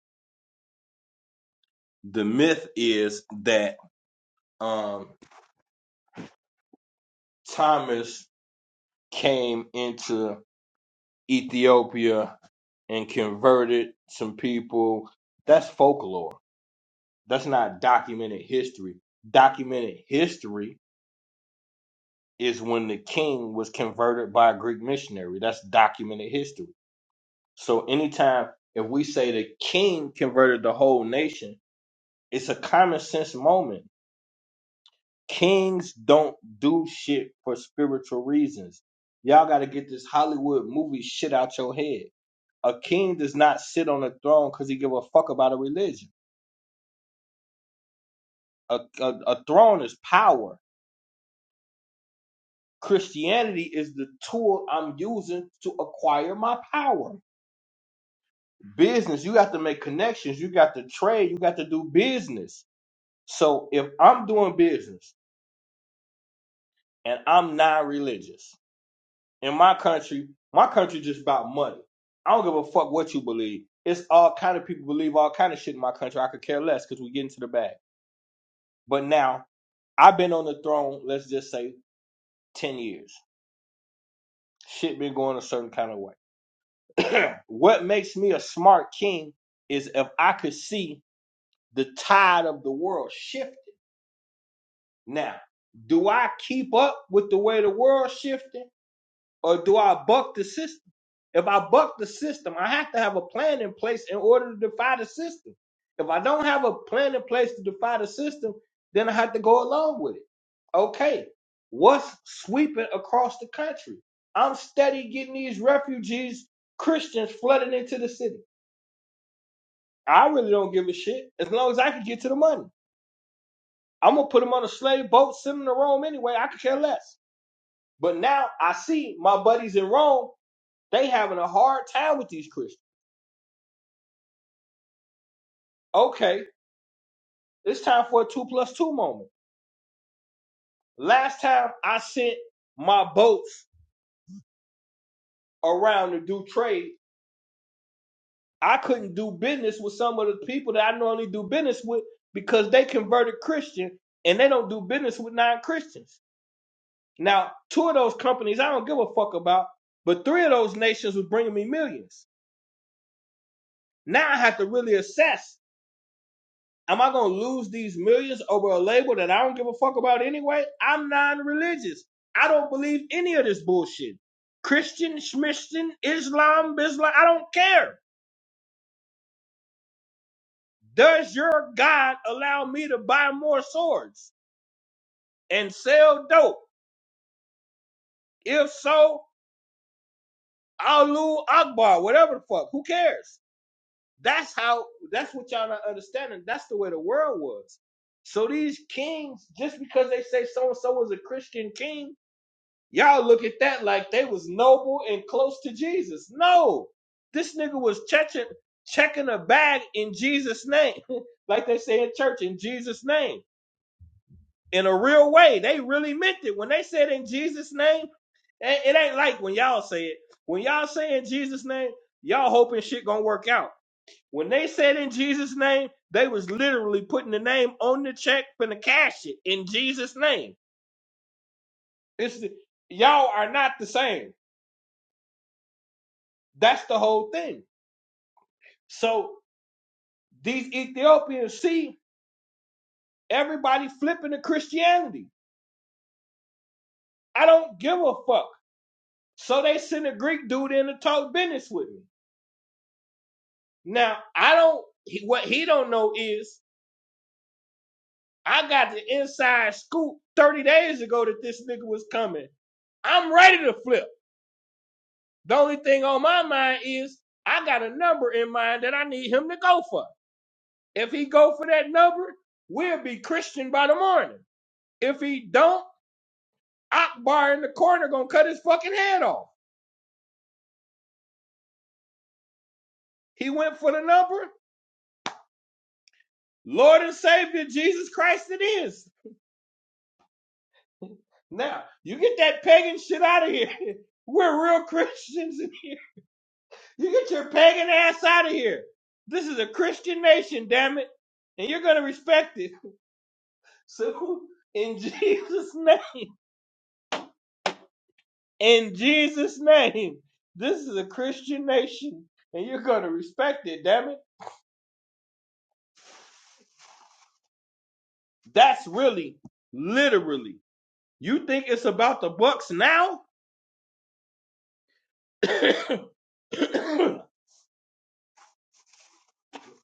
the myth is that um, Thomas came into Ethiopia and converted some people. That's folklore. That's not documented history. Documented history is when the king was converted by a Greek missionary. That's documented history So anytime if we say the king converted the whole nation, it's a common sense moment. Kings don't do shit for spiritual reasons. Y'all got to get this Hollywood movie shit out your head. A king does not sit on a throne because he give a fuck about a religion. A, a, a throne is power. Christianity is the tool I'm using to acquire my power. Business, you got to make connections. You got to trade. You got to do business So if I'm doing business and I'm non-religious in my country, my country just about money. I don't give a fuck what you believe. It's all kind of people believe all kind of shit in my country. I could care less because we get into the bag. But now I've been on the throne. Let's just say ten years. Shit been going a certain kind of way. what makes me a smart king is if I could see the tide of the world shifting. Now, do I keep up with the way the world shifting? or do I buck the system? If I buck the system, I have to have a plan in place in order to defy the system. If I don't have a plan in place to defy the system, then I have to go along with it. Okay, what's sweeping across the country? I'm steady getting these refugees, Christians flooding into the city. I really don't give a shit as long as I can get to the money. I'm gonna put them on a slave boat, send them to Rome anyway. I could care less. But now I see my buddies in Rome They having a hard time with these Christians. Okay, it's time for a two plus two moment. Last time I sent my boats around to do trade, I couldn't do business with some of the people that I normally do business with because they converted Christian and they don't do business with non-Christians. Now, two of those companies I don't give a fuck about, but three of those nations was bringing me millions. Now I have to really assess Am I gonna lose these millions over a label that I don't give a fuck about anyway? I'm non-religious. I don't believe any of this bullshit. Christian, Schmistian, Islam, Bisla, I don't care. Does your God allow me to buy more swords and sell dope? If so, Alu Akbar, whatever the fuck. Who cares? That's how. That's what y'all not understanding. That's the way the world was. So these kings, just because they say so and so was a Christian king Y'all look at that like they was noble and close to Jesus. No, this nigga was checking checking a bag in Jesus' name, like they say in church, in Jesus' name, in a real way. They really meant it when they said in Jesus' name. It it ain't like when y'all say it. When y'all say in Jesus' name, y'all hoping shit gonna work out. When they said in Jesus' name, they was literally putting the name on the check finna cash it in Jesus' name. It's y'all are not the same. That's the whole thing. So these Ethiopians see everybody flipping to Christianity. I don't give a fuck. So they send a Greek dude in to talk business with me. Now I don't. He, what he don't know is I got the inside scoop thirty days ago that this nigga was coming. I'm ready to flip. The only thing on my mind is I got a number in mind that I need him to go for. If he go for that number, we'll be Christian by the morning. If he don't. Akbar in the corner gonna cut his fucking head off. He went for the number. Lord and Savior Jesus Christ it is. Now, you get that pagan shit out of here. We're real Christians. You get your pagan ass out of here. This is a Christian nation, damn it. And you're gonna respect it. So in Jesus' name in Jesus' name, this is a Christian nation. And you're gonna respect it, damn it. That's really literally You think it's about the Bucks now?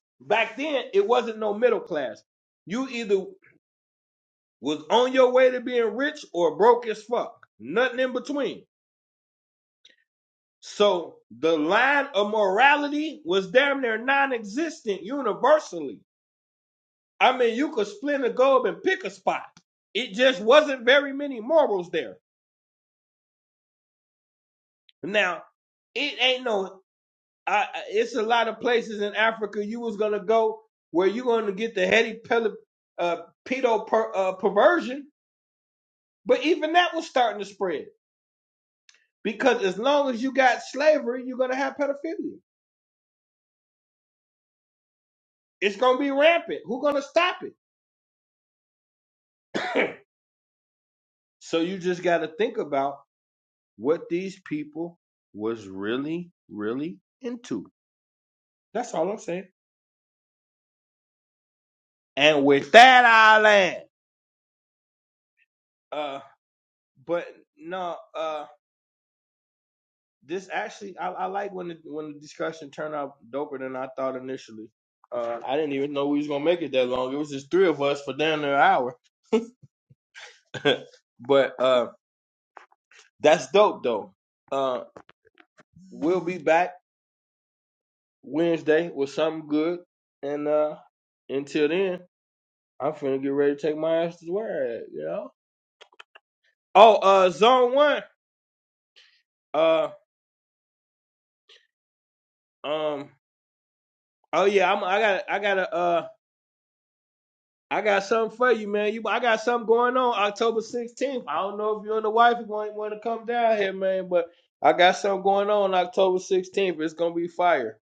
Back then, it wasn't no middle class. You either was on your way to being rich or broke as fuck. Nothing in between. So the line of morality was damn near non-existent universally. I mean, you could split a gold and pick a spot. It just wasn't very many morals there. Now, it ain't no I, it's a lot of places in Africa you was gonna go where you gonna get the heady pel- uh, pedo per, uh, perversion, but even that was starting to spread because as long as you got slavery, you're gonna have pedophilia. It's gonna be rampant. Who's gonna stop it? so you just got to think about what these people was really, really into. That's all I'm saying. And with that, I land. Uh, but no. uh, this actually I, I like when the, when the discussion turned out doper than I thought initially. Uh, I didn't even know we was gonna make it that long. It was just three of us for down there an hour, but uh, that's dope though. Uh, we'll be back Wednesday with something good, and uh, until then, I'm finna get ready to take my ass to where at, you know. Oh, uh, zone one. Uh, um. Oh yeah, I'm. I got. I got a Uh, I got something for you, man. You, I got something going on October 16th. I don't know if you and the wife want, want to come down here, man, but I got something going on October 16th. It's gonna be fire.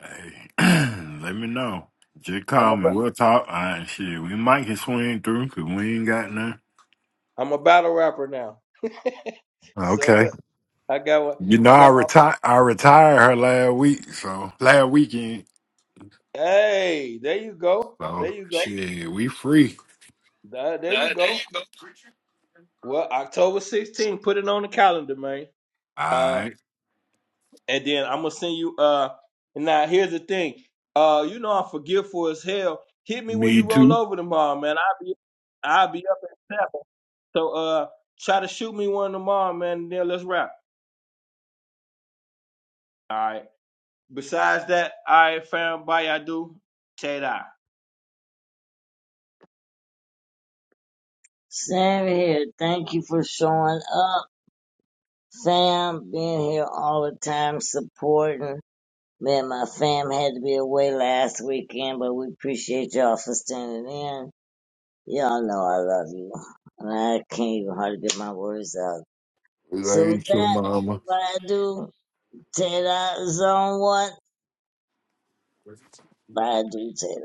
Hey, let me know. Just I'm call a, me. We'll talk. All right, shit. We might can swing through because we ain't got none. am a battle rapper now, so Okay. I got one. You know, I I got my. retired. I retired her last week. So last weekend. Hey, there you go. There So you go. shit, we free. There there you go. Well, October 16th. Put it on the calendar, man. Uh. I and then I'm gonna send you. Uh, and now here's the thing. Uh, you know I'm forgetful as hell. Hit me when Me you roll too. over tomorrow, man. I'll be, I'll be up at seven. So uh, try to shoot me one tomorrow, man. And then let's wrap. All right. Besides that, all right, fam. Bye, I do. Tay Sam here. Thank you for showing up, fam. Being here all the time, supporting. Man, my fam had to be away last weekend, but we appreciate y'all for standing in. Y'all know I love you. And I can't even hardly get my words out. It So with ain't Later, that, mama. what I do, Ted, I zone one, what I do, Ted.